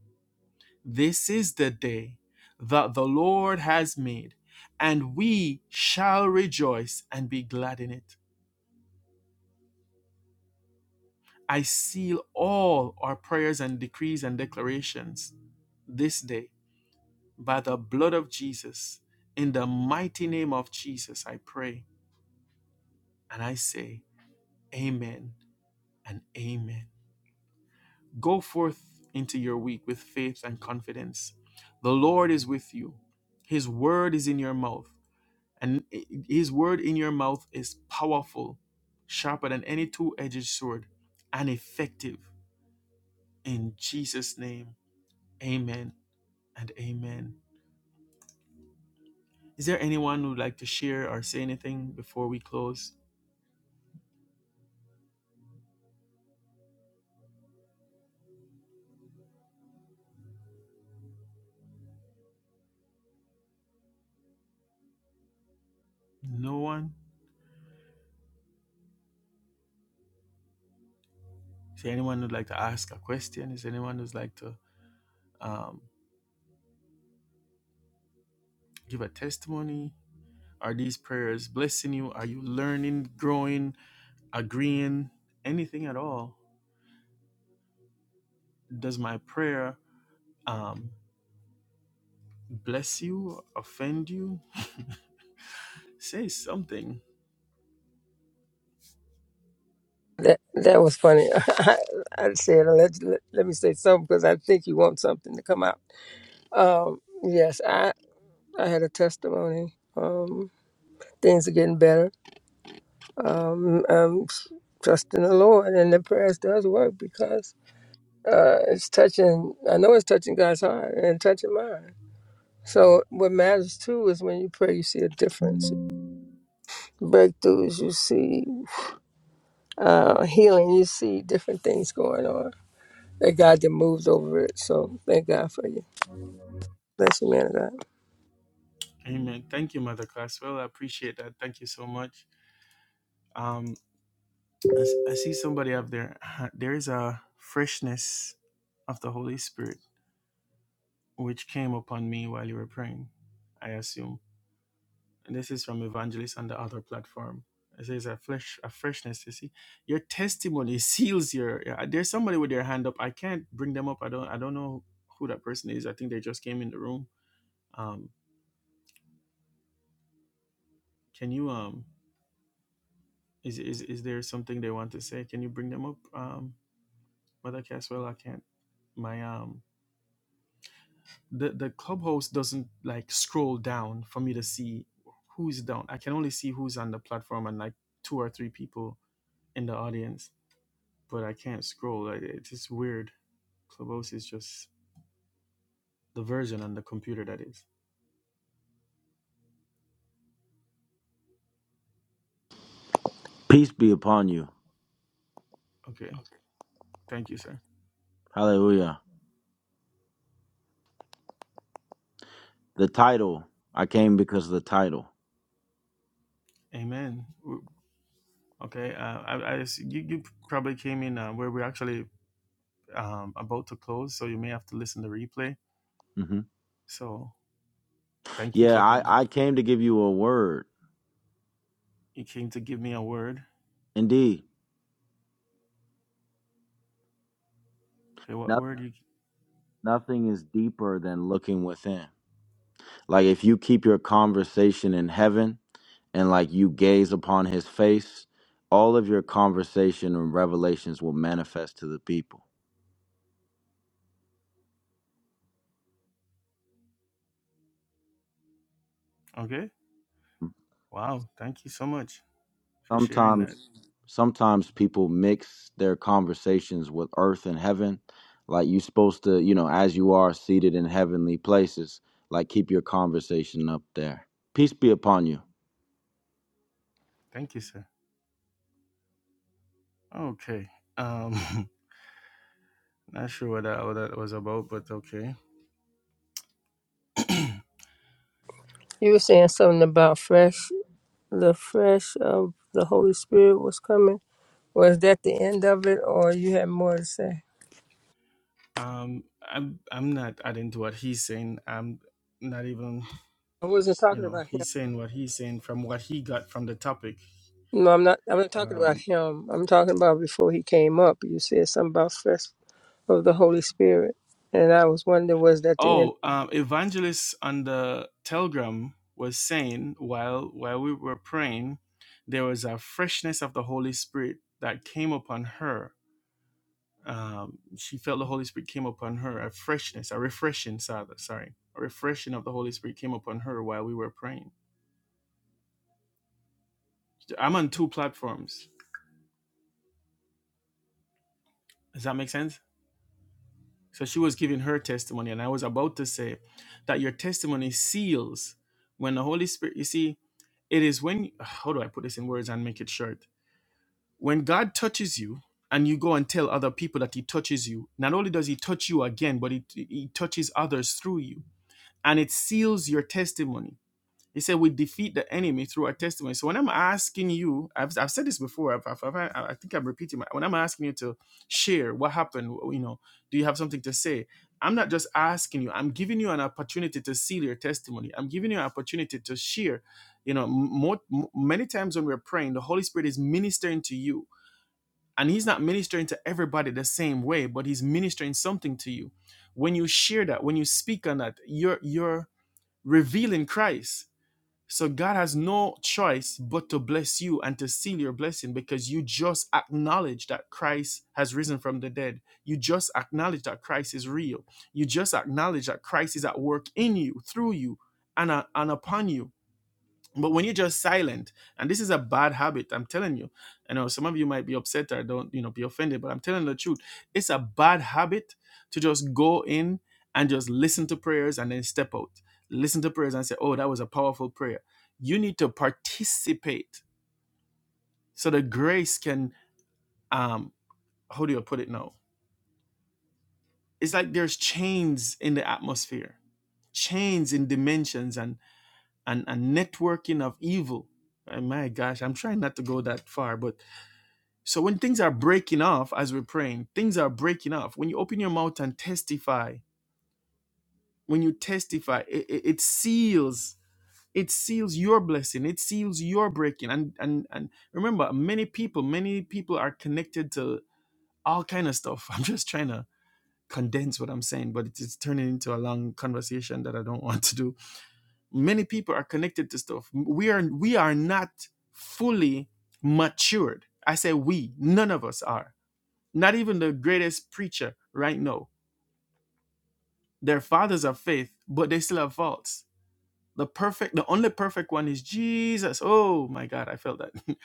A: This is the day that the Lord has made, and we shall rejoice and be glad in it. I seal all our prayers and decrees and declarations this day by the blood of Jesus. In the mighty name of Jesus, I pray and I say, Amen and Amen. Go forth into your week with faith and confidence. The Lord is with you. His word is in your mouth, and his word in your mouth is powerful, sharper than any two-edged sword, and effective. In Jesus' name, amen and amen. Is there anyone who'd like to share or say anything before we close? No one? Is there anyone who'd like to ask a question? Is there anyone who'd like to um, give a testimony? Are these prayers blessing you? Are you learning, growing, agreeing, anything at all? Does my prayer um, bless you, offend you? [LAUGHS] Say something.
B: That that was funny. [LAUGHS] I, I said let, let let me say something because I think you want something to come out. Um, yes, I I had a testimony. Um, things are getting better. Um, I'm trusting the Lord, and the prayers does work because uh, it's touching. I know it's touching God's heart and touching mine. So what matters too is when you pray, you see a difference, breakthroughs. You see uh, healing. You see different things going on Thank God that moves over it. So thank God for you. Bless you, man of God.
A: Amen. Thank you, Mother Classwell. I appreciate that. Thank you so much. Um, I, s- I see somebody up there. [LAUGHS] There is a freshness of the Holy Spirit which came upon me while you were praying, I assume And this is from Evangelist on the other platform. It says a flesh, a freshness. You see, your testimony seals your. yeah, There's somebody with their hand up. I can't bring them up. I don't. I don't know who that person is. I think they just came in the room. Um, can you? Um, is is is there something they want to say? Can you bring them up? Um, Mother Caswell, I can't. My um, the the clubhouse doesn't like scroll down for me to see who's down. I can only see who's on the platform and like two or three people in the audience but I can't scroll. Like it's just weird. Clubhouse is just the version on the computer that is.
C: Peace be upon you.
A: Okay, thank you, sir.
C: Hallelujah. The title, I came because of the title.
A: Amen. W- Okay, uh, I, I s- you, you probably came in uh, where we're actually um, about to close, so you may have to listen to replay.
C: hmm
A: So thank you for
C: Yeah, I,
A: coming.
C: I came to give you a word.
A: You came to give me a word.
C: Indeed,
A: Okay, what
C: no,
A: word? You
C: nothing is deeper than looking within. Like if you keep your conversation in heaven and like you gaze upon his face, all of your conversation and revelations will manifest to the people.
A: okay? Wow, thank you so much for sharing
C: Sometimes
A: that.
C: sometimes people mix their conversations with earth and heaven. Like you're supposed to, you know, as you are seated in heavenly places, like keep your conversation up there. Peace be upon you.
A: Thank you, sir. Okay. Um, [LAUGHS] not sure what that, what that was about, but okay. [CLEARS THROAT]
B: You were saying something about fresh, the fresh of the Holy Spirit was coming. Was that the end of it, or you had more to say?
A: um i'm i'm not adding to what he's saying i'm not even
B: I wasn't
A: you
B: talking
A: know
B: about him.
A: he's saying what he's saying from what he got from the topic
B: No, I'm not. I'm not talking about
A: um
B: him. I'm talking about before he came up. You said something about fresh of the Holy Spirit, and I was wondering, was that the end?
A: oh um evangelist on the telegram was saying while while we were praying there was a freshness of the holy spirit that came upon her um she felt the holy spirit came upon her a freshness a refreshing sorry sorry, a refreshing of the holy spirit came upon her while we were praying i'm on two platforms does that make sense So she was giving her testimony, and I was about to say that your testimony seals when the Holy Spirit, you see, it is when, how do I put this in words and make it short? When God touches you and you go and tell other people that He touches you, not only does He touch you again, but He, he touches others through you, and it seals your testimony he said, We defeat the enemy through our testimony. So when I'm asking you, I've, I've said this before, I've, I've, I've- i think I'm repeating, my, when I'm asking you to share what happened, you know, do you have something to say? I'm not just asking you, I'm giving you an opportunity to seal your testimony. I'm giving you an opportunity to share. You know, m- mo- m- many times when we're praying, the Holy Spirit is ministering to you. And he's not ministering to everybody the same way, but he's ministering something to you. When you share that, when you speak on that, you're you're revealing Christ so God has no choice but to bless you and to seal your blessing because you just acknowledge that Christ has risen from the dead. You just acknowledge that Christ is real. You just acknowledge that Christ is at work in you, through you, and, uh, and upon you but when you're just silent, and this is a bad habit, I'm telling you. I know some of you might be upset or don't, you know, be offended, but I'm telling the truth. It's a bad habit to just go in and just listen to prayers and then step out. Listen to prayers and say, oh, that was a powerful prayer. You need to participate so the grace can, um, how do you put it now? It's like there's chains in the atmosphere, chains in dimensions and and, and networking of evil. And my gosh, I'm trying not to go that far, but So when things are breaking off as we're praying, things are breaking off. When you open your mouth and testify, when you testify, it, it, it seals it seals your blessing it seals your breaking and and and remember many people many people are connected to all kind of stuff [LAUGHS] i'm just trying to condense what i'm saying but it's, it's turning into a long conversation that i don't [LAUGHS] want to do many people are connected to stuff we are we are not fully matured i say we none of us are Not even the greatest preacher right now. They're fathers of faith, but they still have faults. The perfect, the only perfect one is Jesus. Oh my God, I felt that. [LAUGHS]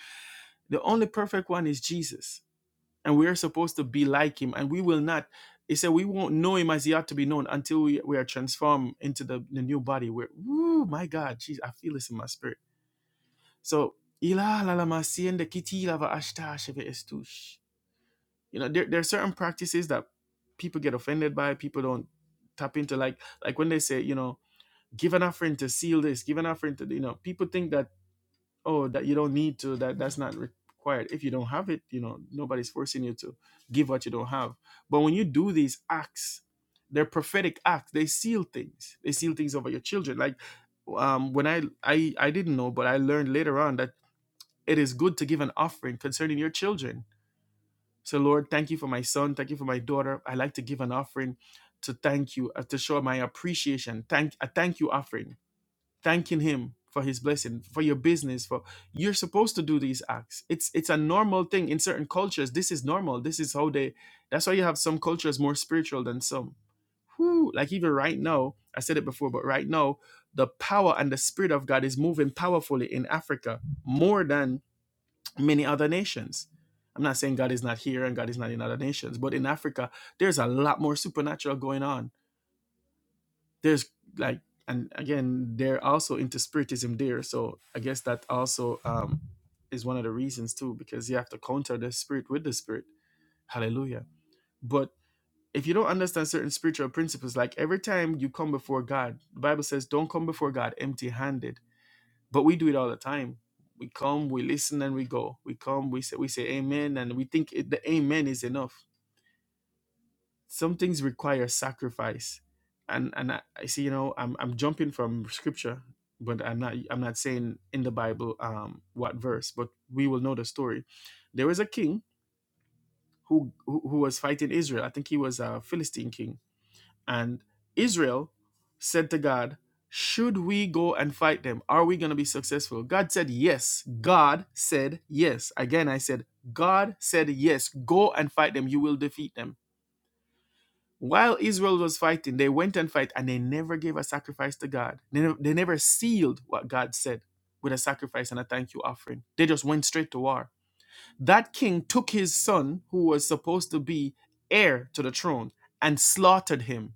A: the only perfect one is Jesus. And we are supposed to be like him, and we will not. He said we won't know him as he ought to be known until we, we are transformed into the, the new body. Where, oh my God, jeez, I feel this in my spirit. So, ila la la ma siende kiti lava ashta sheve estush. you know there, there are certain practices that people get offended by people don't tap into like like when they say you know give an offering to seal this give an offering to you know people think that oh that you don't need to that that's not required if you don't have it you know nobody's forcing you to give what you don't have but when you do these acts they're prophetic acts they seal things they seal things over your children like um when i i i didn't know but i learned later on that it is good to give an offering concerning your children so, Lord, thank you for my son. Thank you for my daughter. I like to give an offering to thank you, uh, to show my appreciation. Thank a thank you offering, thanking him for his blessing, for your business. For you're supposed to do these acts. It's it's a normal thing in certain cultures. This is normal. This is how they. That's why you have some cultures more spiritual than some. Whew, like even right now, I said it before, but right now, the power and the spirit of God is moving powerfully in Africa more than many other nations. I'm not saying God is not here and God is not in other nations, but in Africa, there's a lot more supernatural going on. There's like, and again, they're also into spiritism there. So I guess that also um, is one of the reasons too, because you have to counter the spirit with the spirit. Hallelujah. But if you don't understand certain spiritual principles, like every time you come before God, the Bible says, don't come before God empty handed but we do it all the time. We come, we listen, and we go. We come, we say, we say amen, and we think it, the amen is enough. Some things require sacrifice, and and I, I see, you know, I'm I'm jumping from scripture, but I'm not I'm not saying in the Bible um what verse, but we will know the story. There was a king who who, who was fighting Israel. I think he was a Philistine king and Israel said to God, Should we go and fight them? Are we going to be successful? God said, Yes. God said, Yes. Again, I said, God said, Yes. Go and fight them. You will defeat them. While Israel was fighting, they went and fight and they never gave a sacrifice to God. They never, they never sealed what God said with a sacrifice and a thank you offering. They just went straight to war. That king took his son, who was supposed to be heir to the throne, and slaughtered him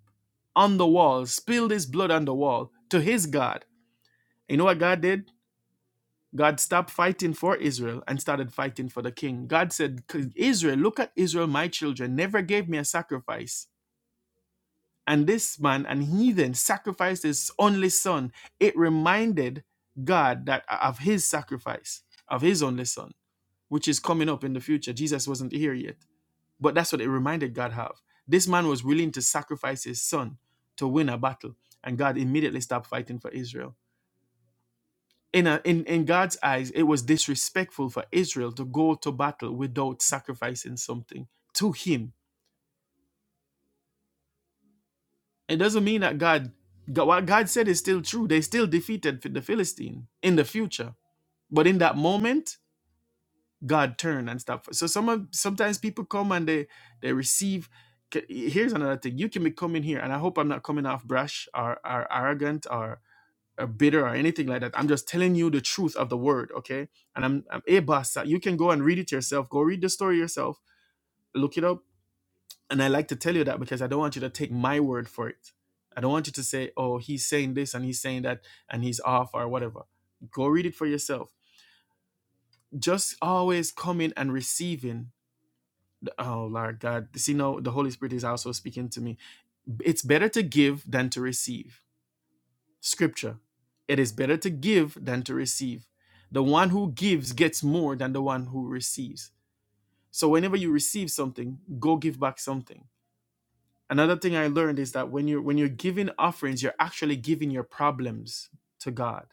A: on the wall, spilled his blood on the wall to his God. You know what God did? God stopped fighting for Israel and started fighting for the king. God said, Israel, look at Israel, my children, never gave me a sacrifice. And this man, an heathen, sacrificed his only son. It reminded God that of his sacrifice, of his only son, which is coming up in the future. Jesus wasn't here yet. But that's what it reminded God of. This man was willing to sacrifice his son to win a battle, and God immediately stopped fighting for Israel. In, a, in, in God's eyes, it was disrespectful for Israel to go to battle without sacrificing something to Him. It doesn't mean that God, God what God said is still true. They still defeated the Philistine in the future. But in that moment, God turn and stuff. So some of, sometimes people come and they they receive. Here's another thing: you can be coming here, and I hope I'm not coming off brash or, or arrogant or, or bitter or anything like that. I'm just telling you the truth of the word, okay? And I'm I'm a boss. You can go and read it yourself. Go read the story yourself. Look it up. And I like to tell you that because I don't want you to take my word for it. I don't want you to say, "Oh, he's saying this and he's saying that and he's off or whatever." Go read it for yourself. Just always coming and receiving Oh Lord God, see no, the Holy Spirit is also speaking to me. It's better to give than to receive. Scripture. It is better to give than to receive. The one who gives gets more than the one who receives. So whenever you receive something, go give back something. Another thing I learned is that when you're when you're giving offerings, you're actually giving your problems to God.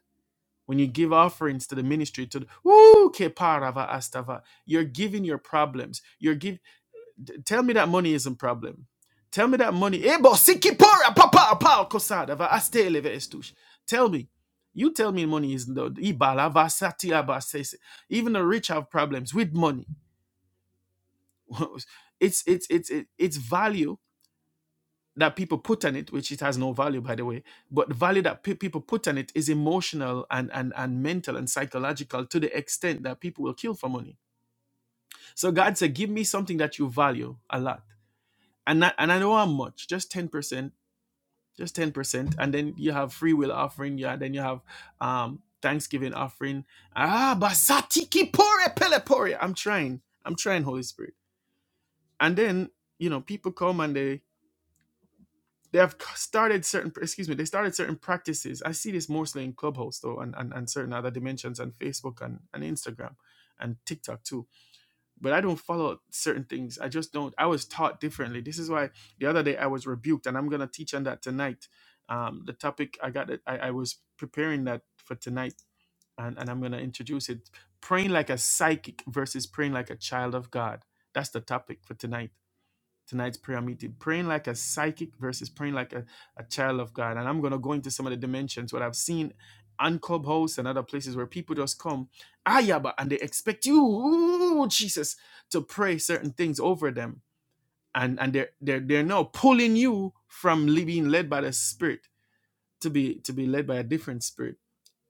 A: When you give offerings to the ministry, to the, Woo, ke parava astava, you're giving your problems. You're giving. Tell me that money isn't a problem. Tell me that money. Tell me. You tell me money isn't Even the rich have problems with money. [LAUGHS] it's it's it's it's value that people put on it, which it has no value by the way. But the value that pe- people put on it is emotional and and and mental and psychological to the extent that people will kill for money. So God said, give me something that you value a lot and not, and I know how much, just 10%, just 10% and then you have free will offering yeah and then you have um thanksgiving offering ah basatiki pore pele pore i'm trying i'm trying holy spirit and then you know people come and they they have started certain excuse me they started certain practices i see this mostly in clubhouse though and and, and certain other dimensions and facebook and, and instagram and tiktok too but I don't follow certain things. I just don't. I was taught differently. This is why the other day I was rebuked, and I'm gonna teach on that tonight. Um, the topic I got, it- I, I was preparing that for tonight, and, and I'm gonna introduce it. Praying like a psychic versus praying like a child of God. That's the topic for tonight tonight's prayer meeting praying like a psychic versus praying like a, a child of god and i'm going to go into some of the dimensions what i've seen on clubhouse and other places where people just come ayaba and they expect you ooh, jesus to pray certain things over them and and they're they're, they're now pulling you from being led by the spirit to be to be led by a different spirit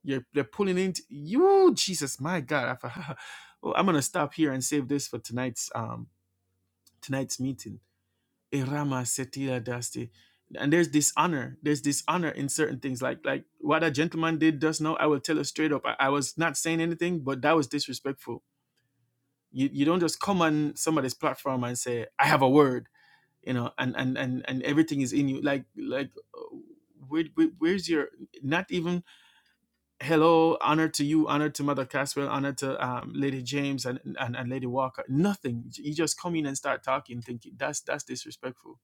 A: you're they're pulling into you jesus my god I, thought, [LAUGHS] oh, i'm going to stop here and save this for tonight's um tonight's meeting Erama setila Dasti. And there's dishonor. There's dishonor in certain things. Like like what a gentleman did just now, I will tell her straight up. I, I was not saying anything, but that was disrespectful. You you don't just come on somebody's platform and say, I have a word, you know, and and and, and everything is in you. Like like uh, where, where, where's your not even hello, honor to you, honor to Mother Caswell, honor to um, Lady James and, and, and Lady Walker. Nothing. You just come in and start talking, thinking that's that's disrespectful.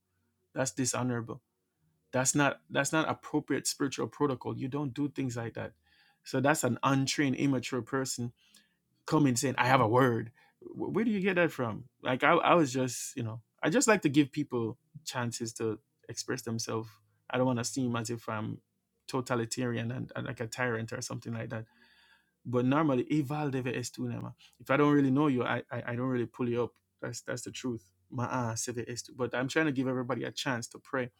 A: That's dishonorable that's not that's not appropriate spiritual protocol you don't do things like that so that's an untrained immature person coming saying i have a word Wh- where do you get that from like i, I was just you know i just like to give people chances to express themselves i don't want to seem as if i'm totalitarian and, and like a tyrant or something like that but normally Eval deve estunema. If I don't really know you, I, I I don't really pull you up. That's that's the truth. Ma'a seve estu. But I'm trying to give everybody a chance to pray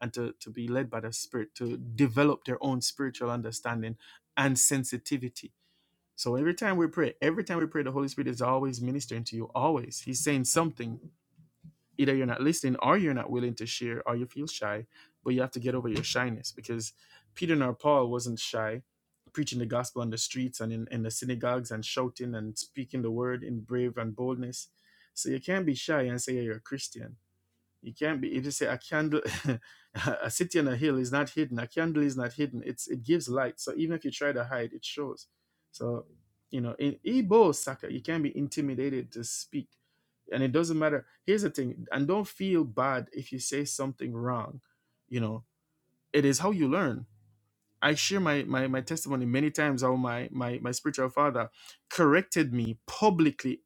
A: and to, to be led by the Spirit to develop their own spiritual understanding and sensitivity. So every time we pray, every time we pray, the Holy Spirit is always ministering to you. Always, He's saying something either you're not listening or you're not willing to share or you feel shy but you have to get over your shyness because peter nor paul wasn't shy preaching the gospel on the streets and in, in the synagogues and shouting and speaking the word in brave and boldness so you can't be shy and say "Hey, you're a christian you can't be. It is a, a candle. [LAUGHS] a city on a hill is not hidden. A candle is not hidden. It's it gives light. So even if you try to hide, it shows. So you know, in Igbo Saka, you can't be intimidated to speak, and it doesn't matter. Here's the thing, and don't feel bad if you say something wrong. You know, it is how you learn. I share my my, my testimony many times. How my my my spiritual father corrected me publicly,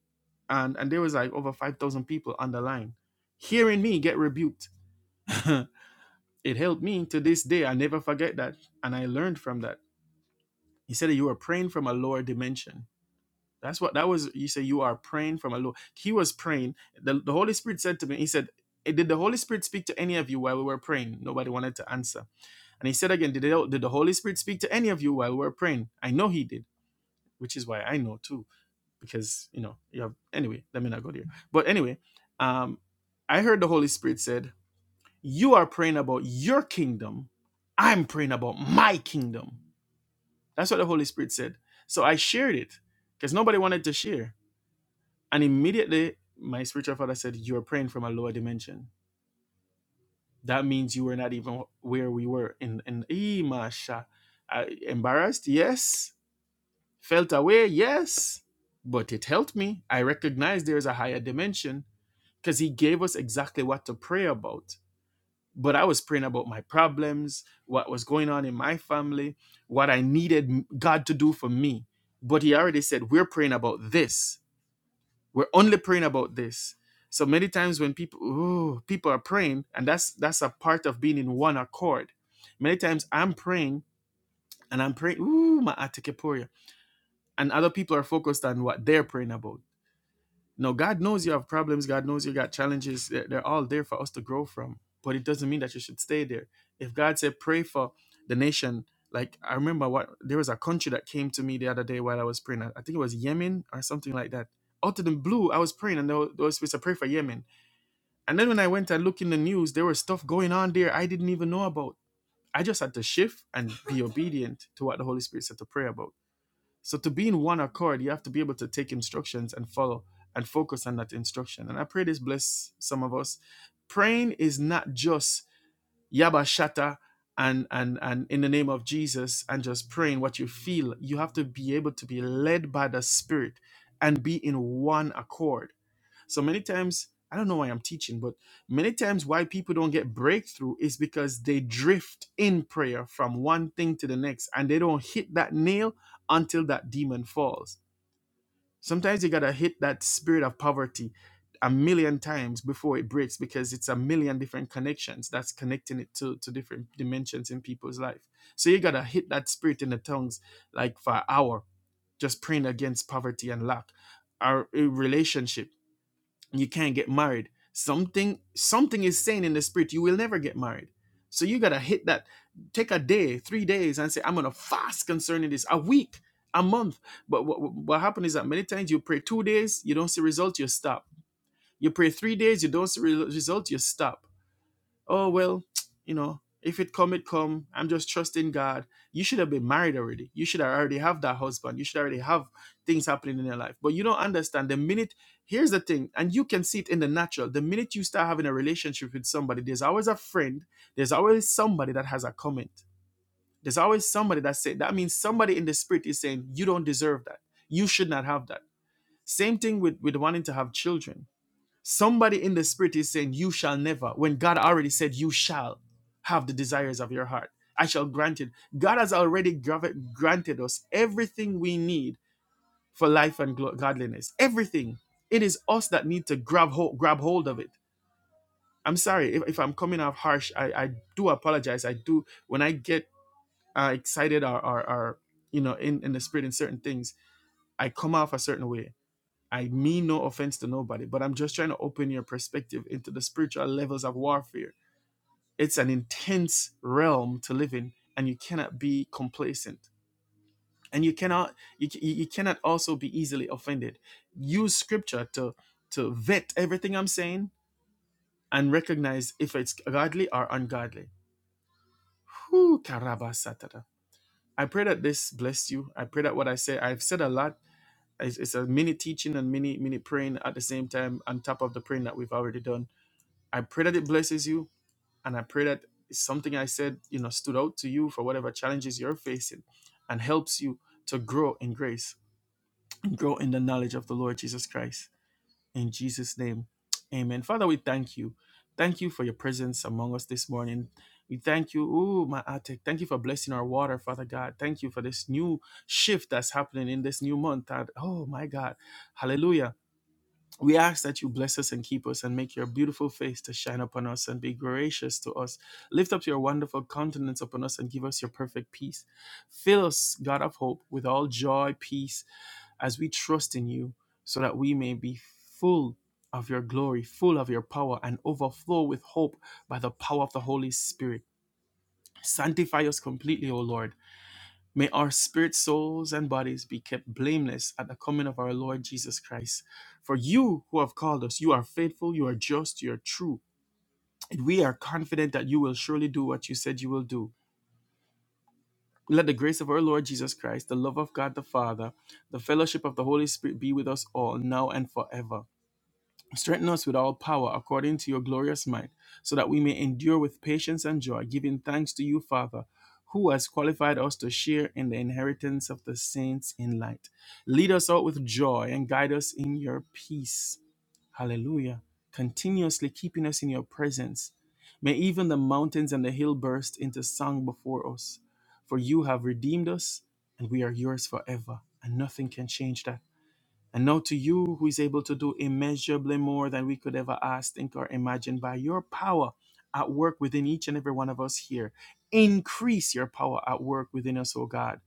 A: and and there was like over five thousand people on the line, hearing me get rebuked [LAUGHS] it helped me to this day. I never forget that. And I learned from that. He said that you are praying from a lower dimension. That's what that was. You say you are praying from a low. He was praying. The, the Holy Spirit said to me, He said, "Eh, Did the Holy Spirit speak to any of you while we were praying? Nobody wanted to answer. And he said again, Did, the- did the Holy Spirit speak to any of you while we were praying? I know he did, which is why I know too. Because, you know, you have anyway, let me not go there. But anyway, um, I heard the Holy Spirit said, You are praying about your kingdom. I'm praying about my kingdom. That's what the Holy Spirit said. So I shared it because nobody wanted to share. And immediately my spiritual father said, You're praying from a lower dimension. That means you were not even where we were in in Eh, Masha. I, embarrassed, yes. Felt away, yes. But it helped me. I recognized there is a higher dimension because he gave us exactly what to pray about but I was praying about my problems, what was going on in my family, what I needed God to do for me. But He already said, We're praying about this. We're only praying about this. So many times when people ooh, people are praying, and that's that's a part of being in one accord. Many times I'm praying and I'm praying, ooh, my atikeporia. And other people are focused on what they're praying about. No, God knows you have problems. God knows you got challenges. They're, they're all there for us to grow from. But it doesn't mean that you should stay there. If God said, pray for the nation, like I remember what there was a country that came to me the other day while I was praying. I I think it was Yemen or something like that. Out of the blue, I was praying and they were, they were supposed to pray for Yemen. And then when I went and looked in the news, there was stuff going on there I didn't even know about. I just had to shift and be [LAUGHS] obedient to what the Holy Spirit said to pray about. So to be in one accord, you have to be able to take instructions and follow and focus on that instruction. And I pray this bless some of us. Praying is not just yabba shatta and and and in the name of Jesus and just praying what you feel. You have to be able to be led by the Spirit and be in one accord so many times, I don't know why I'm teaching, but many times why people don't get breakthrough is because they drift in prayer from one thing to the next and they don't hit that nail until that demon falls. Sometimes you gotta hit that spirit of poverty a million times before it breaks because it's a million different connections that's connecting it to, to different dimensions in people's life. So you gotta hit that spirit in the tongues like for an hour, just praying against poverty and lack. Our uh, relationship you can't get married something something is saying in the spirit you will never get married so you gotta hit that take a day three days and say i'm gonna fast concerning this a week a month but what, what happens is that many times you pray two days you don't see results, you stop you pray three days you don't see re- result you stop oh well you know if it come it come i'm just trusting god you should have been married already you should already have that husband you should already have things happening in your life but you don't understand the minute here's the thing and you can see it in the natural the minute you start having a relationship with somebody there's always a friend there's always somebody that has a comment there's always somebody that said that means somebody in the spirit is saying you don't deserve that you should not have that same thing with with wanting to have children Somebody in the spirit is saying, You shall never, when God already said, You shall have the desires of your heart. I shall grant it. God has already grav- granted us everything we need for life and glo- godliness. Everything. It is us that need to grab hold, grab hold of it. I'm sorry if, if I'm coming off harsh. I, I do apologize. I do. When I get uh, excited or, or, or, you know, in, in the spirit in certain things, I come off a certain way I mean no offense to nobody, but I'm just trying to open your perspective into the spiritual levels of warfare. It's an intense realm to live in, and you cannot be complacent. And you cannot you, you cannot also be easily offended. Use scripture to to vet everything I'm saying and recognize if it's godly or ungodly. Whew, karabasatata. I pray that this bless you. I pray that what I say, I've said a lot. It's, it's a mini teaching and mini mini praying at the same time on top of the praying that we've already done I pray that it blesses you, and I pray that something I said, you know, stood out to you for whatever challenges you're facing, and helps you to grow in grace and grow in the knowledge of the Lord Jesus Christ. In Jesus' name, Amen. Father, we thank you. Thank you for your presence among us this morning. We thank you, ooh, my attic. Thank you for blessing our water, Father God. Thank you for this new shift that's happening in this new month. God. Oh my God, Hallelujah we ask that you bless us and keep us and make your beautiful face to shine upon us and be gracious to us. Lift up your wonderful countenance upon us and give us your perfect peace. Fill us, God of hope, with all joy, peace, as we trust in you, so that we may be full of your glory, full of your power, and overflow with hope by the power of the Holy Spirit. Sanctify us completely, O Lord May our spirit, souls, and bodies be kept blameless at the coming of our Lord Jesus Christ. For you who have called us, you are faithful, you are just, you are true. And we are confident that you will surely do what you said you will do. Let the grace of our Lord Jesus Christ, the love of God the Father, the fellowship of the Holy Spirit be with us all now and forever. Strengthen us with all power according to your glorious might, so that we may endure with patience and joy, giving thanks to you, Father, who has qualified us to share in the inheritance of the saints in light. Lead us out with joy and guide us in your peace. Hallelujah. Continuously keeping us in your presence. May even the mountains and the hill burst into song before us. For you have redeemed us, and we are yours forever, and nothing can change that. And now to you who is able to do immeasurably more than we could ever ask, think, or imagine by your power at work within each and every one of us here. Increase your power at work within us, O God.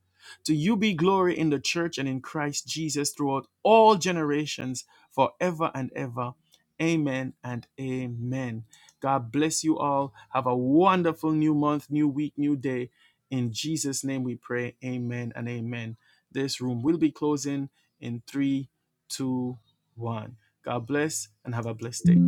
A: To you be glory in the church and in Christ Jesus throughout all generations, forever and ever. Amen and amen. God bless you all. Have a wonderful new month, new week, new day. In Jesus' name we pray. Amen and amen. This room will be closing in three two, one. God bless and have a blessed day.